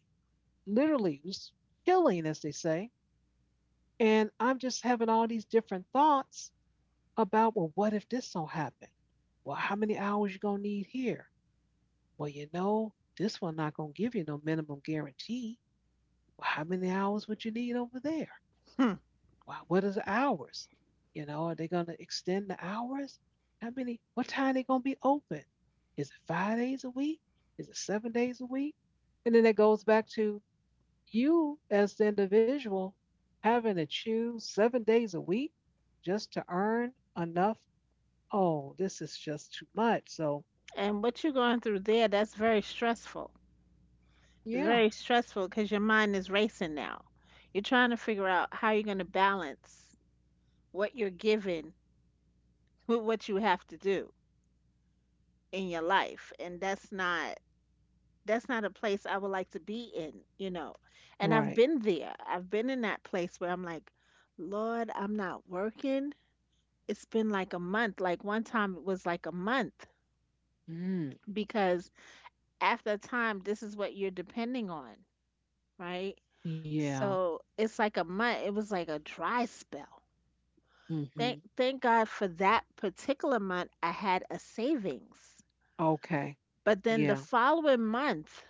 Speaker 1: literally, just chilling, as they say. And I'm just having all these different thoughts about, well, what if this don't happen? Well, how many hours you gonna need here? Well, you know, this one not gonna give you no minimum guarantee. Well, how many hours would you need over there?
Speaker 2: Hmm.
Speaker 1: Well, what is the hours? You know, are they gonna extend the hours? How many? What time they gonna be open? Is it 5 days a week? Is it 7 days a week? And then that goes back to you as the individual having to choose 7 days a week just to earn enough. Oh, this is just too much. So,
Speaker 2: And what you're going through there, that's very stressful. It's very
Speaker 1: yeah.
Speaker 2: stressful because your mind is racing now. You're trying to figure out how you're going to balance what you're given with what you have to do in your life. And that's not a place I would like to be in, you know. And I've
Speaker 1: Right.
Speaker 2: been there. I've been in that place where I'm like, "Lord, I'm not working." It's been like a month. Like one time it was like a month
Speaker 1: Mm,
Speaker 2: because after a time this is what you're depending on, right?
Speaker 1: yeah.
Speaker 2: So it's like a month. It was like a dry spell. Thank
Speaker 1: Hmm.
Speaker 2: thank God for that particular month I had a savings.
Speaker 1: Okay.
Speaker 2: But then the
Speaker 1: Yeah.
Speaker 2: following month,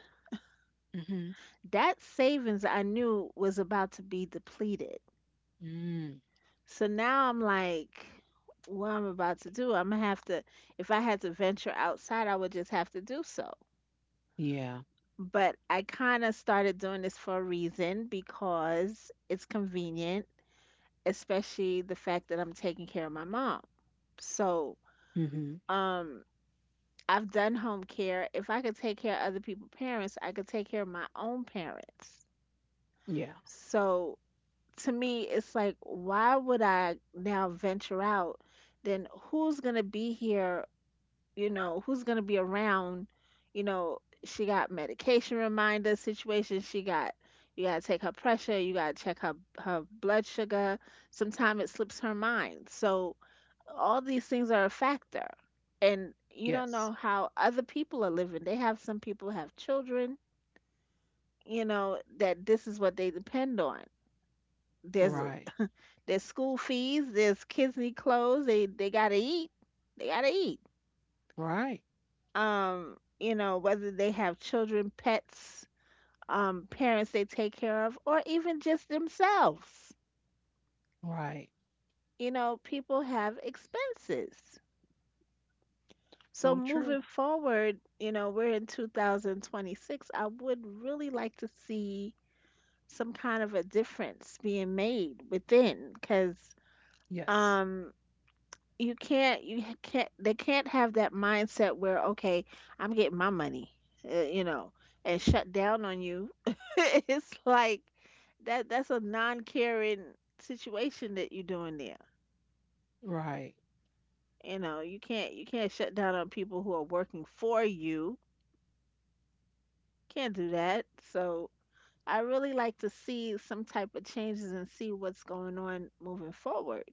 Speaker 1: Hmm.
Speaker 2: that savings I knew was about to be depleted.
Speaker 1: Mm,
Speaker 2: So now I'm like, what I'm about to do, I'm gonna have to, if I had to venture outside, I would just have to do so.
Speaker 1: yeah.
Speaker 2: But I kind of started doing this for a reason because it's convenient, especially the fact that I'm taking care of my mom. So,
Speaker 1: Hmm.
Speaker 2: um, I've done home care. If I could take care of other people's parents, I could take care of my own parents.
Speaker 1: Yeah.
Speaker 2: So, to me, it's like, why would I now venture out? Then who's going to be here? Who's going to be around? you know she got medication reminder situation, she got you got to take her pressure, you got to check her blood sugar. Sometimes it slips her mind. So all these things are a factor. And you don't
Speaker 1: Yes.
Speaker 2: know how other people are living. They have Some people have children, you know, that this is what they depend on. there's
Speaker 1: Right.
Speaker 2: there's school fees, there's kids need clothes, they got to eat, they got to eat.
Speaker 1: Right.
Speaker 2: You know, whether they have children, pets, parents they take care of, or even just themselves.
Speaker 1: Right.
Speaker 2: You know, people have expenses. So
Speaker 1: So true.
Speaker 2: moving forward, you know, we're in 2026. I would really like to see some kind of a difference being made within because,
Speaker 1: Yes.
Speaker 2: um, you can't, they can't have that mindset where, okay, I'm getting my money, you know, and shut down on you. It's like that's a non-caring situation that you're doing there.
Speaker 1: Right.
Speaker 2: You know, you can't shut down on people who are working for you. Can't do that. So I really like to see some type of changes and see what's going on moving forward,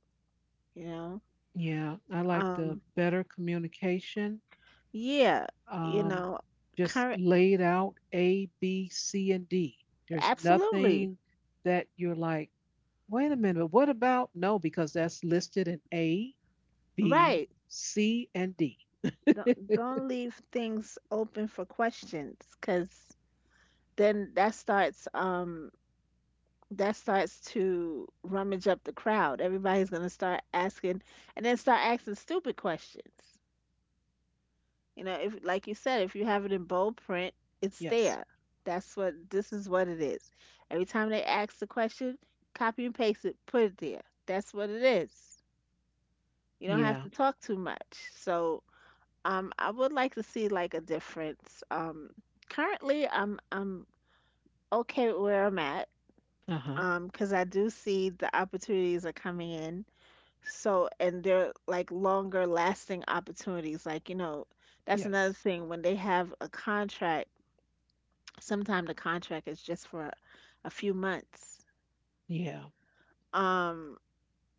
Speaker 2: you know.
Speaker 1: Yeah. I like the
Speaker 2: um
Speaker 1: better communication.
Speaker 2: yeah, you
Speaker 1: Um,
Speaker 2: know,
Speaker 1: just
Speaker 2: current,
Speaker 1: laid out A, B, C, and D. There's
Speaker 2: absolutely.
Speaker 1: nothing that you're like, wait a minute, but what about no, because that's listed in A, B,
Speaker 2: Right.
Speaker 1: C, and D.
Speaker 2: Don't leave things open for questions, because then that starts, that starts to rummage up the crowd. Everybody's gonna start asking and then start asking stupid questions. You know, if like you said, if you have it in bold print, it's
Speaker 1: Yes.
Speaker 2: there. That's what this is what it is. Every time they ask the question, copy and paste it, put it there. That's what it is. You don't have
Speaker 1: Yeah.
Speaker 2: to talk too much. So, I would like to see like a difference. Currently, I'm okay with where I'm at.
Speaker 1: Uh-huh.
Speaker 2: Because I do see the opportunities are coming in. So, and they're like longer lasting opportunities. Like, you know, that's another
Speaker 1: Yes.
Speaker 2: thing when they have a contract. Sometimes the contract is just for a few months.
Speaker 1: Yeah.
Speaker 2: Um,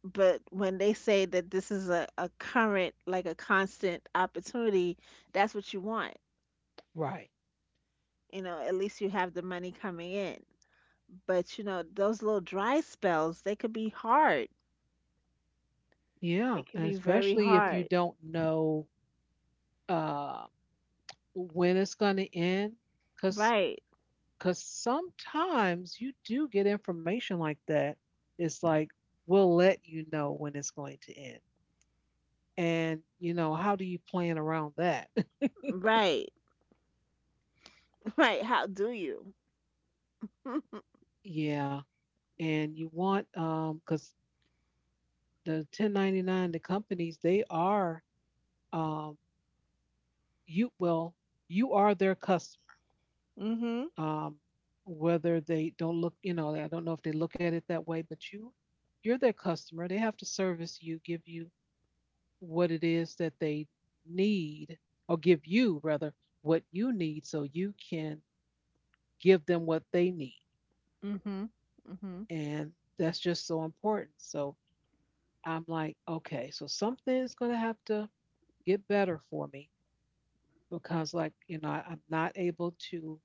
Speaker 2: but when they say that this is a current, like a constant opportunity, that's what you want.
Speaker 1: Right.
Speaker 2: You know, at least you have the money coming in. But you know, those little dry spells, they could be hard. They
Speaker 1: Yeah.
Speaker 2: could
Speaker 1: And
Speaker 2: be very
Speaker 1: especially if you
Speaker 2: hard.
Speaker 1: don't know uh when it's gonna end. Cause
Speaker 2: Right.
Speaker 1: cause sometimes you do get information like that. It's like, we'll let you know when it's going to end. And you know, how do you plan around that?
Speaker 2: Right. Right. How do you?
Speaker 1: Yeah, and you want because the 1099, the companies they are, um, you, well, you are their customer,
Speaker 2: Mhm.
Speaker 1: um, whether they don't look, you know, I don't know if they look at it that way, but you're their customer. They have to service you, give you what it is that they need, or give you rather what you need so you can give them what they need.
Speaker 2: Mhm. Mhm.
Speaker 1: And that's just so important. So I'm like, okay, so something's going to have to get better for me because like, you know, I'm not able to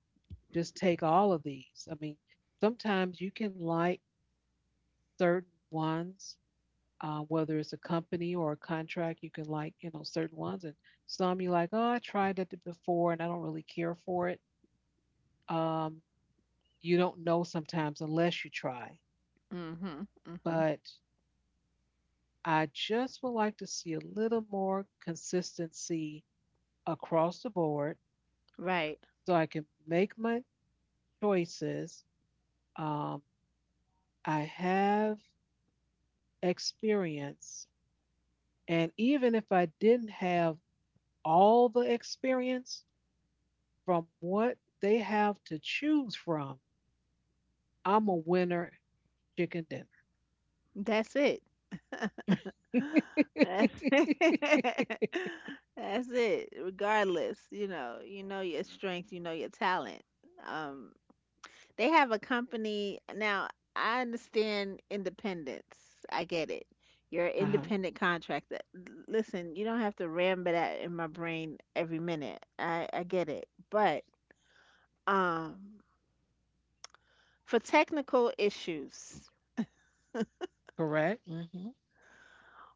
Speaker 1: just take all of these. I mean, sometimes you can like certain ones, whether it's a company or a contract. You can like, you know, certain ones, and some you like, oh, I tried that before and I don't really care for it. um, you don't know sometimes unless you try.
Speaker 2: Mm-hmm. Mm-hmm.
Speaker 1: But I just would like to see a little more consistency across the board
Speaker 2: Right.
Speaker 1: so I can make my choices. um, I have experience. And even if I didn't have all the experience from what they have to choose from, I'm a winner chicken dinner.
Speaker 2: That's it. That's it. That's it. Regardless, you know your strength, you know your talent. Um, They have a company now. I understand independence. I get it. You're an
Speaker 1: Uh-huh.
Speaker 2: independent contractor. Listen, you don't have to ramble that in my brain every minute. I get it. But um, for technical issues,
Speaker 1: Correct? Hmm.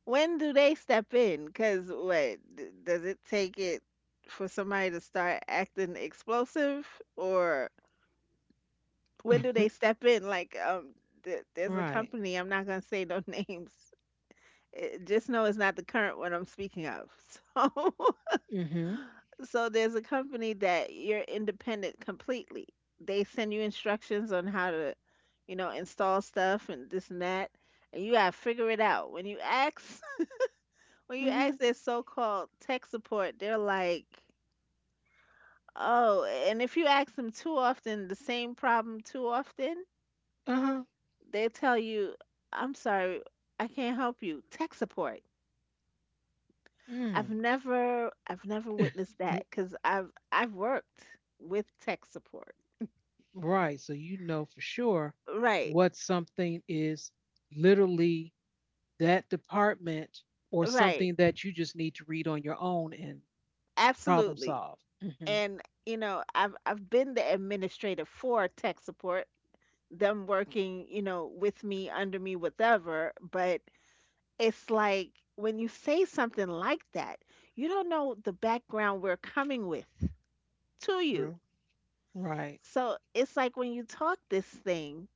Speaker 2: when do they step in? Cause does it take it for somebody to start acting explosive, or when do they step in? Like th- there's a
Speaker 1: Right.
Speaker 2: company. I'm not gonna say no names. Just know it's not the current one I'm speaking of. So,
Speaker 1: Mm-hmm.
Speaker 2: there's a company that you're independent completely. They send you instructions on how to, you know, install stuff and this and that, and you gotta figure it out. When you ask, when you
Speaker 1: Mm-hmm.
Speaker 2: ask their so-called tech support, they're like, "Oh," and if you ask them too often the same problem too often,
Speaker 1: Uh-huh.
Speaker 2: they tell you, "I'm sorry, I can't help you." Tech support. I've
Speaker 1: Mm.
Speaker 2: never I've never witnessed that because I've worked with tech support.
Speaker 1: Right. So you know for sure
Speaker 2: Right,
Speaker 1: what something is, literally that department, or
Speaker 2: right,
Speaker 1: something that you just need to read on your own and problem
Speaker 2: absolutely.
Speaker 1: solve. Hmm.
Speaker 2: And you know, I've been the administrator for tech support, them working, you know, with me, under me, whatever. But it's like, when you say something like that, you don't know the background we're coming with to you.
Speaker 1: True. Right.
Speaker 2: So it's like when you talk this thing,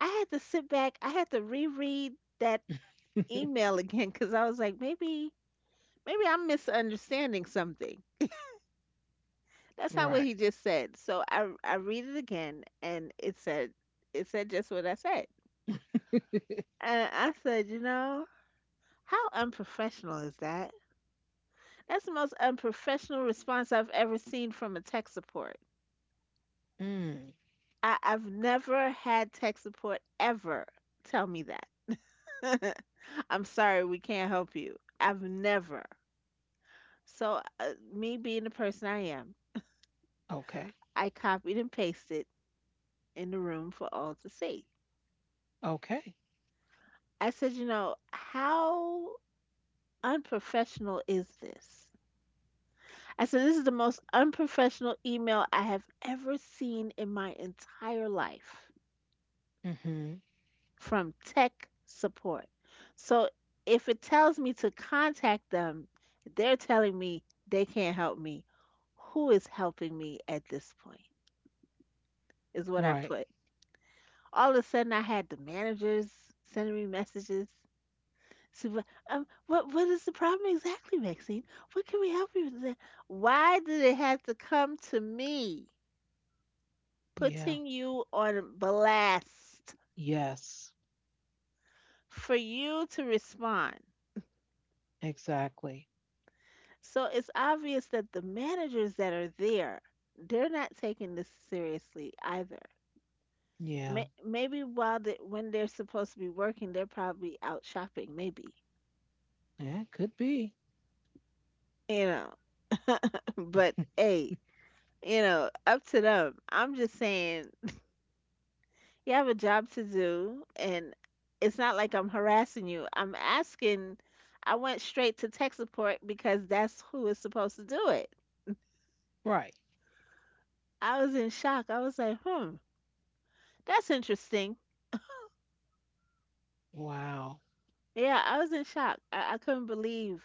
Speaker 2: I had to sit back, I had to reread that email again because I was like, maybe I'm misunderstanding something. That's not what he
Speaker 1: Right.
Speaker 2: just said. So I read it again, and it said just what I said. And I said, you know, how unprofessional is that? That's the most unprofessional response I've ever seen from a tech support.
Speaker 1: Mm.
Speaker 2: I've never had tech support ever tell me that. I'm sorry, we can't help you. I've never. So, me being the person I am,
Speaker 1: Okay.
Speaker 2: I copied and pasted in the room for all to see.
Speaker 1: Okay.
Speaker 2: I said, "You know, how unprofessional is this?" I said, "This is the most unprofessional email I have ever seen in my entire life
Speaker 1: Hmm.
Speaker 2: from tech support. So if it tells me to contact them, they're telling me they can't help me. Who is helping me at this point?" Is what I
Speaker 1: Right.
Speaker 2: put. All of a sudden, I had the managers sending me messages. "So, what is the problem exactly, Maxine? What can we help you with?" That? Why did it have to come to me,
Speaker 1: Yeah.
Speaker 2: putting you on blast,
Speaker 1: Yes.
Speaker 2: for you to respond?
Speaker 1: Exactly.
Speaker 2: So it's obvious that the managers that are there, they're not taking this seriously either.
Speaker 1: Yeah.
Speaker 2: May- Maybe while they, when they're supposed to be working, they're probably out shopping. Maybe,
Speaker 1: Yeah. Could be.
Speaker 2: you know, but hey, you know, up to them. I'm just saying, you have a job to do, and it's not like I'm harassing you. I'm asking. I went straight to tech support because that's who is supposed to do it.
Speaker 1: Right.
Speaker 2: I was in shock. I was like, hmm, that's interesting.
Speaker 1: Wow.
Speaker 2: Yeah, I was in shock. I couldn't believe.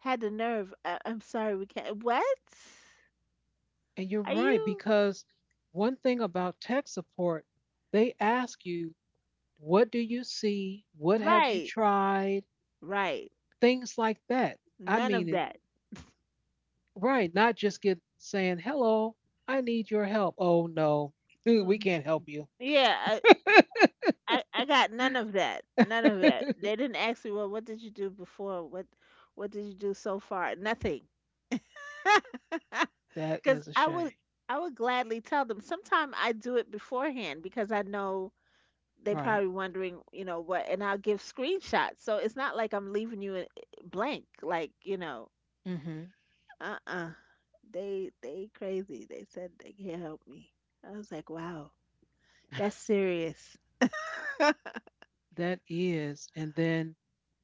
Speaker 2: Had the nerve. I, I'm sorry, we can't. What?
Speaker 1: And you're
Speaker 2: Are
Speaker 1: right,
Speaker 2: you?
Speaker 1: because one thing about tech support, they ask you, what do you see? What have you
Speaker 2: Right,
Speaker 1: tried?
Speaker 2: right.
Speaker 1: Things like that. I
Speaker 2: None
Speaker 1: mean
Speaker 2: of
Speaker 1: it
Speaker 2: that.
Speaker 1: right, not just get saying, hello, I need your help. Oh no, we
Speaker 2: Mm.
Speaker 1: can't help you.
Speaker 2: Yeah, I got none of that. None of that. They didn't ask me, well, what did you do before? What did you do so far? Nothing.
Speaker 1: That
Speaker 2: Cuz
Speaker 1: is a shame.
Speaker 2: I would gladly tell them. Sometimes I do it beforehand because I know they
Speaker 1: Right.
Speaker 2: probably wondering, you know, what, and I'll give screenshots. So it's not like I'm leaving you in blank, like, you know,
Speaker 1: Hmm.
Speaker 2: uh-uh. They crazy. They said they can't help me. I was like, "Wow. That's serious."
Speaker 1: That is. And then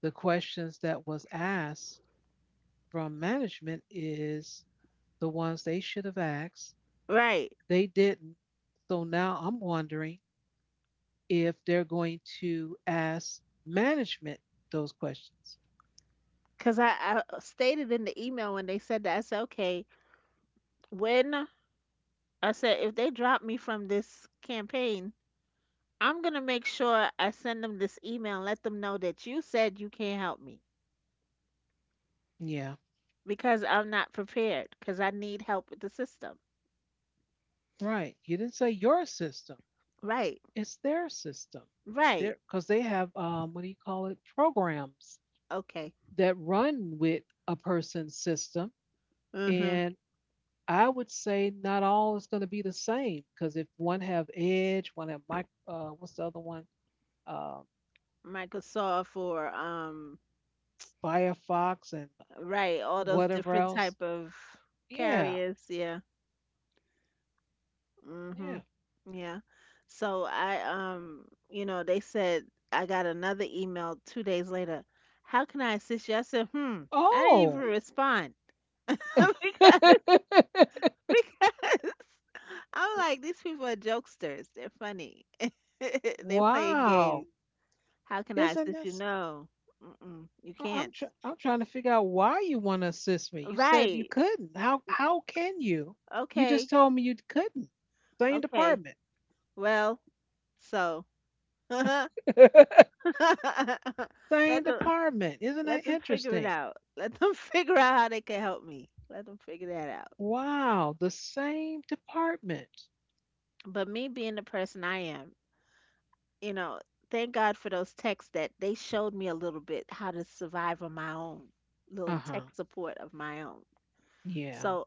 Speaker 1: the questions that was asked from management is the ones they should have asked.
Speaker 2: Right.
Speaker 1: They didn't. So now I'm wondering if they're going to ask management those questions.
Speaker 2: Because I stated in the email when they said that, I said, okay, when I said, if they drop me from this campaign, I'm going to make sure I send them this email and let them know that you said you can't help me,
Speaker 1: Yeah,
Speaker 2: because I'm not prepared because I need help with the system.
Speaker 1: right. You didn't say your system.
Speaker 2: Right.
Speaker 1: It's their system.
Speaker 2: Right.
Speaker 1: They're because they have what do you call it? Programs
Speaker 2: Okay.
Speaker 1: that run with a person's system,
Speaker 2: Mm-hmm.
Speaker 1: and I would say not all is going to be the same because if one have Edge, one have mic, what's the other one? Uh,
Speaker 2: Microsoft or,
Speaker 1: Firefox and
Speaker 2: right, all those
Speaker 1: whatever
Speaker 2: different
Speaker 1: else.
Speaker 2: type of
Speaker 1: Yeah,
Speaker 2: carriers. Yeah.
Speaker 1: yeah.
Speaker 2: Mhm. Yeah. So I, you know, they said I got another email 2 days later. How can I assist you? I said, "Hmm, I didn't even
Speaker 1: Oh.
Speaker 2: respond." Because, because I'm like, these people are jokesters. They're funny. They play
Speaker 1: Wow.
Speaker 2: games. How can I
Speaker 1: Isn't
Speaker 2: assist you?
Speaker 1: this
Speaker 2: No. Mm-mm, you can't.
Speaker 1: I'm trying to figure out why you want to assist me. You said you
Speaker 2: Right.
Speaker 1: couldn't. How can you? You just
Speaker 2: Okay.
Speaker 1: told me you couldn't. Same
Speaker 2: Okay.
Speaker 1: department.
Speaker 2: Well, so that.
Speaker 1: Same
Speaker 2: Let
Speaker 1: department. Isn't that
Speaker 2: them figure it
Speaker 1: interesting?
Speaker 2: out. Let them figure out how they can help me. Let them figure that out.
Speaker 1: Wow, the same department.
Speaker 2: But me being the person I am, you know, thank God for those texts that they showed me a little bit how to survive on my own, little tech
Speaker 1: Uh-huh.
Speaker 2: support of my own.
Speaker 1: Yeah.
Speaker 2: So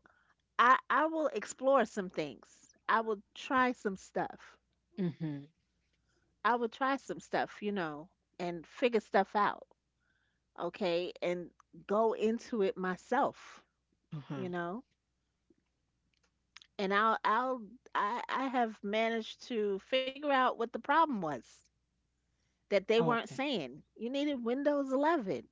Speaker 2: I will explore some things. I will try some stuff.
Speaker 1: Mm-hmm.
Speaker 2: I will try some stuff, you know, and figure stuff out, okay, and go into it myself, you
Speaker 1: Uh-huh.
Speaker 2: know. And I have managed to figure out what the problem was that they weren't
Speaker 1: Okay.
Speaker 2: saying. You needed Windows 11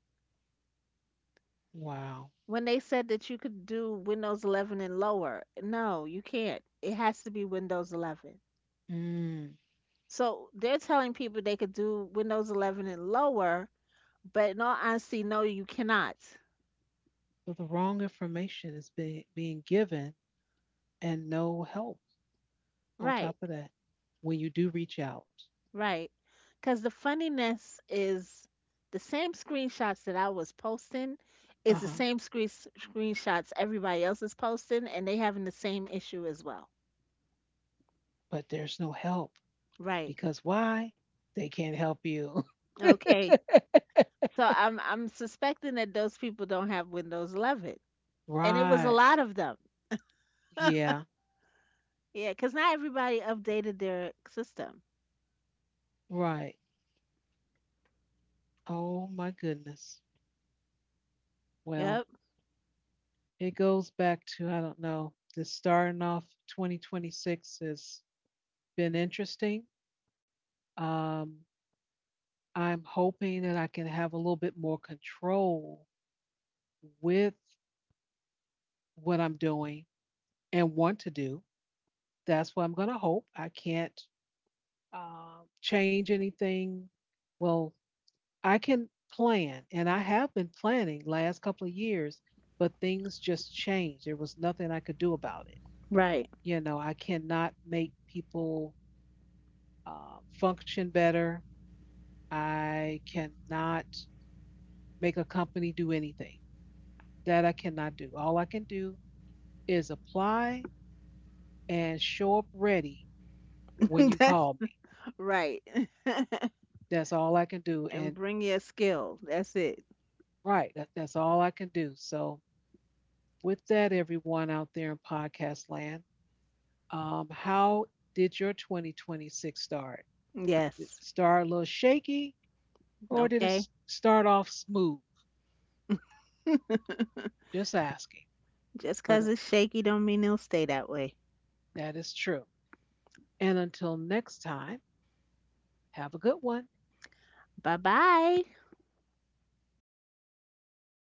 Speaker 1: Wow.
Speaker 2: when they said that you could do Windows 11 and lower. No, you can't. It has to be Windows 11.
Speaker 1: Mm.
Speaker 2: So they're telling people they could do Windows 11 and lower, but in all honesty, no, you cannot.
Speaker 1: So the wrong information is being given and no help. On top
Speaker 2: Right.
Speaker 1: of that, when you do reach out,
Speaker 2: Right. Because the funniness is, the same screenshots that I was posting is the
Speaker 1: uh-huh,
Speaker 2: same screenshots everybody else is posting, and they having the same issue as well.
Speaker 1: but there's no help
Speaker 2: Right.
Speaker 1: because why? They can't help you.
Speaker 2: Okay. So I'm suspecting that those people don't have Windows 11, and it was a
Speaker 1: Right.
Speaker 2: lot of them.
Speaker 1: Yeah.
Speaker 2: Yeah, because not everybody updated their system.
Speaker 1: Right. Oh my goodness. Well,
Speaker 2: Yep.
Speaker 1: it goes back to I don't know. This starting off 2026 has been interesting. Um, I'm hoping that I can have a little bit more control with what I'm doing and want to do. That's what I'm going to hope. I can't change anything, well, I can plan, and I have been planning last couple of years, but things just changed. There was nothing I could do about it.
Speaker 2: Right.
Speaker 1: You know, I cannot make people function better. I cannot make a company do anything. That I cannot do. All I can do is apply and show up ready when you
Speaker 2: That's
Speaker 1: call me.
Speaker 2: right.
Speaker 1: That's all I can do.
Speaker 2: And
Speaker 1: And
Speaker 2: bring your skill. That's it.
Speaker 1: right, that's all I can do. So with that, everyone out there in podcast land, how did your 2026 start? Did it
Speaker 2: Yes.
Speaker 1: start a little shaky or did it
Speaker 2: Okay.
Speaker 1: start off smooth? Just asking.
Speaker 2: Just
Speaker 1: But
Speaker 2: 'cause it's shaky don't mean it'll stay that way.
Speaker 1: that is true. And until next time, have a good one.
Speaker 2: Bye bye.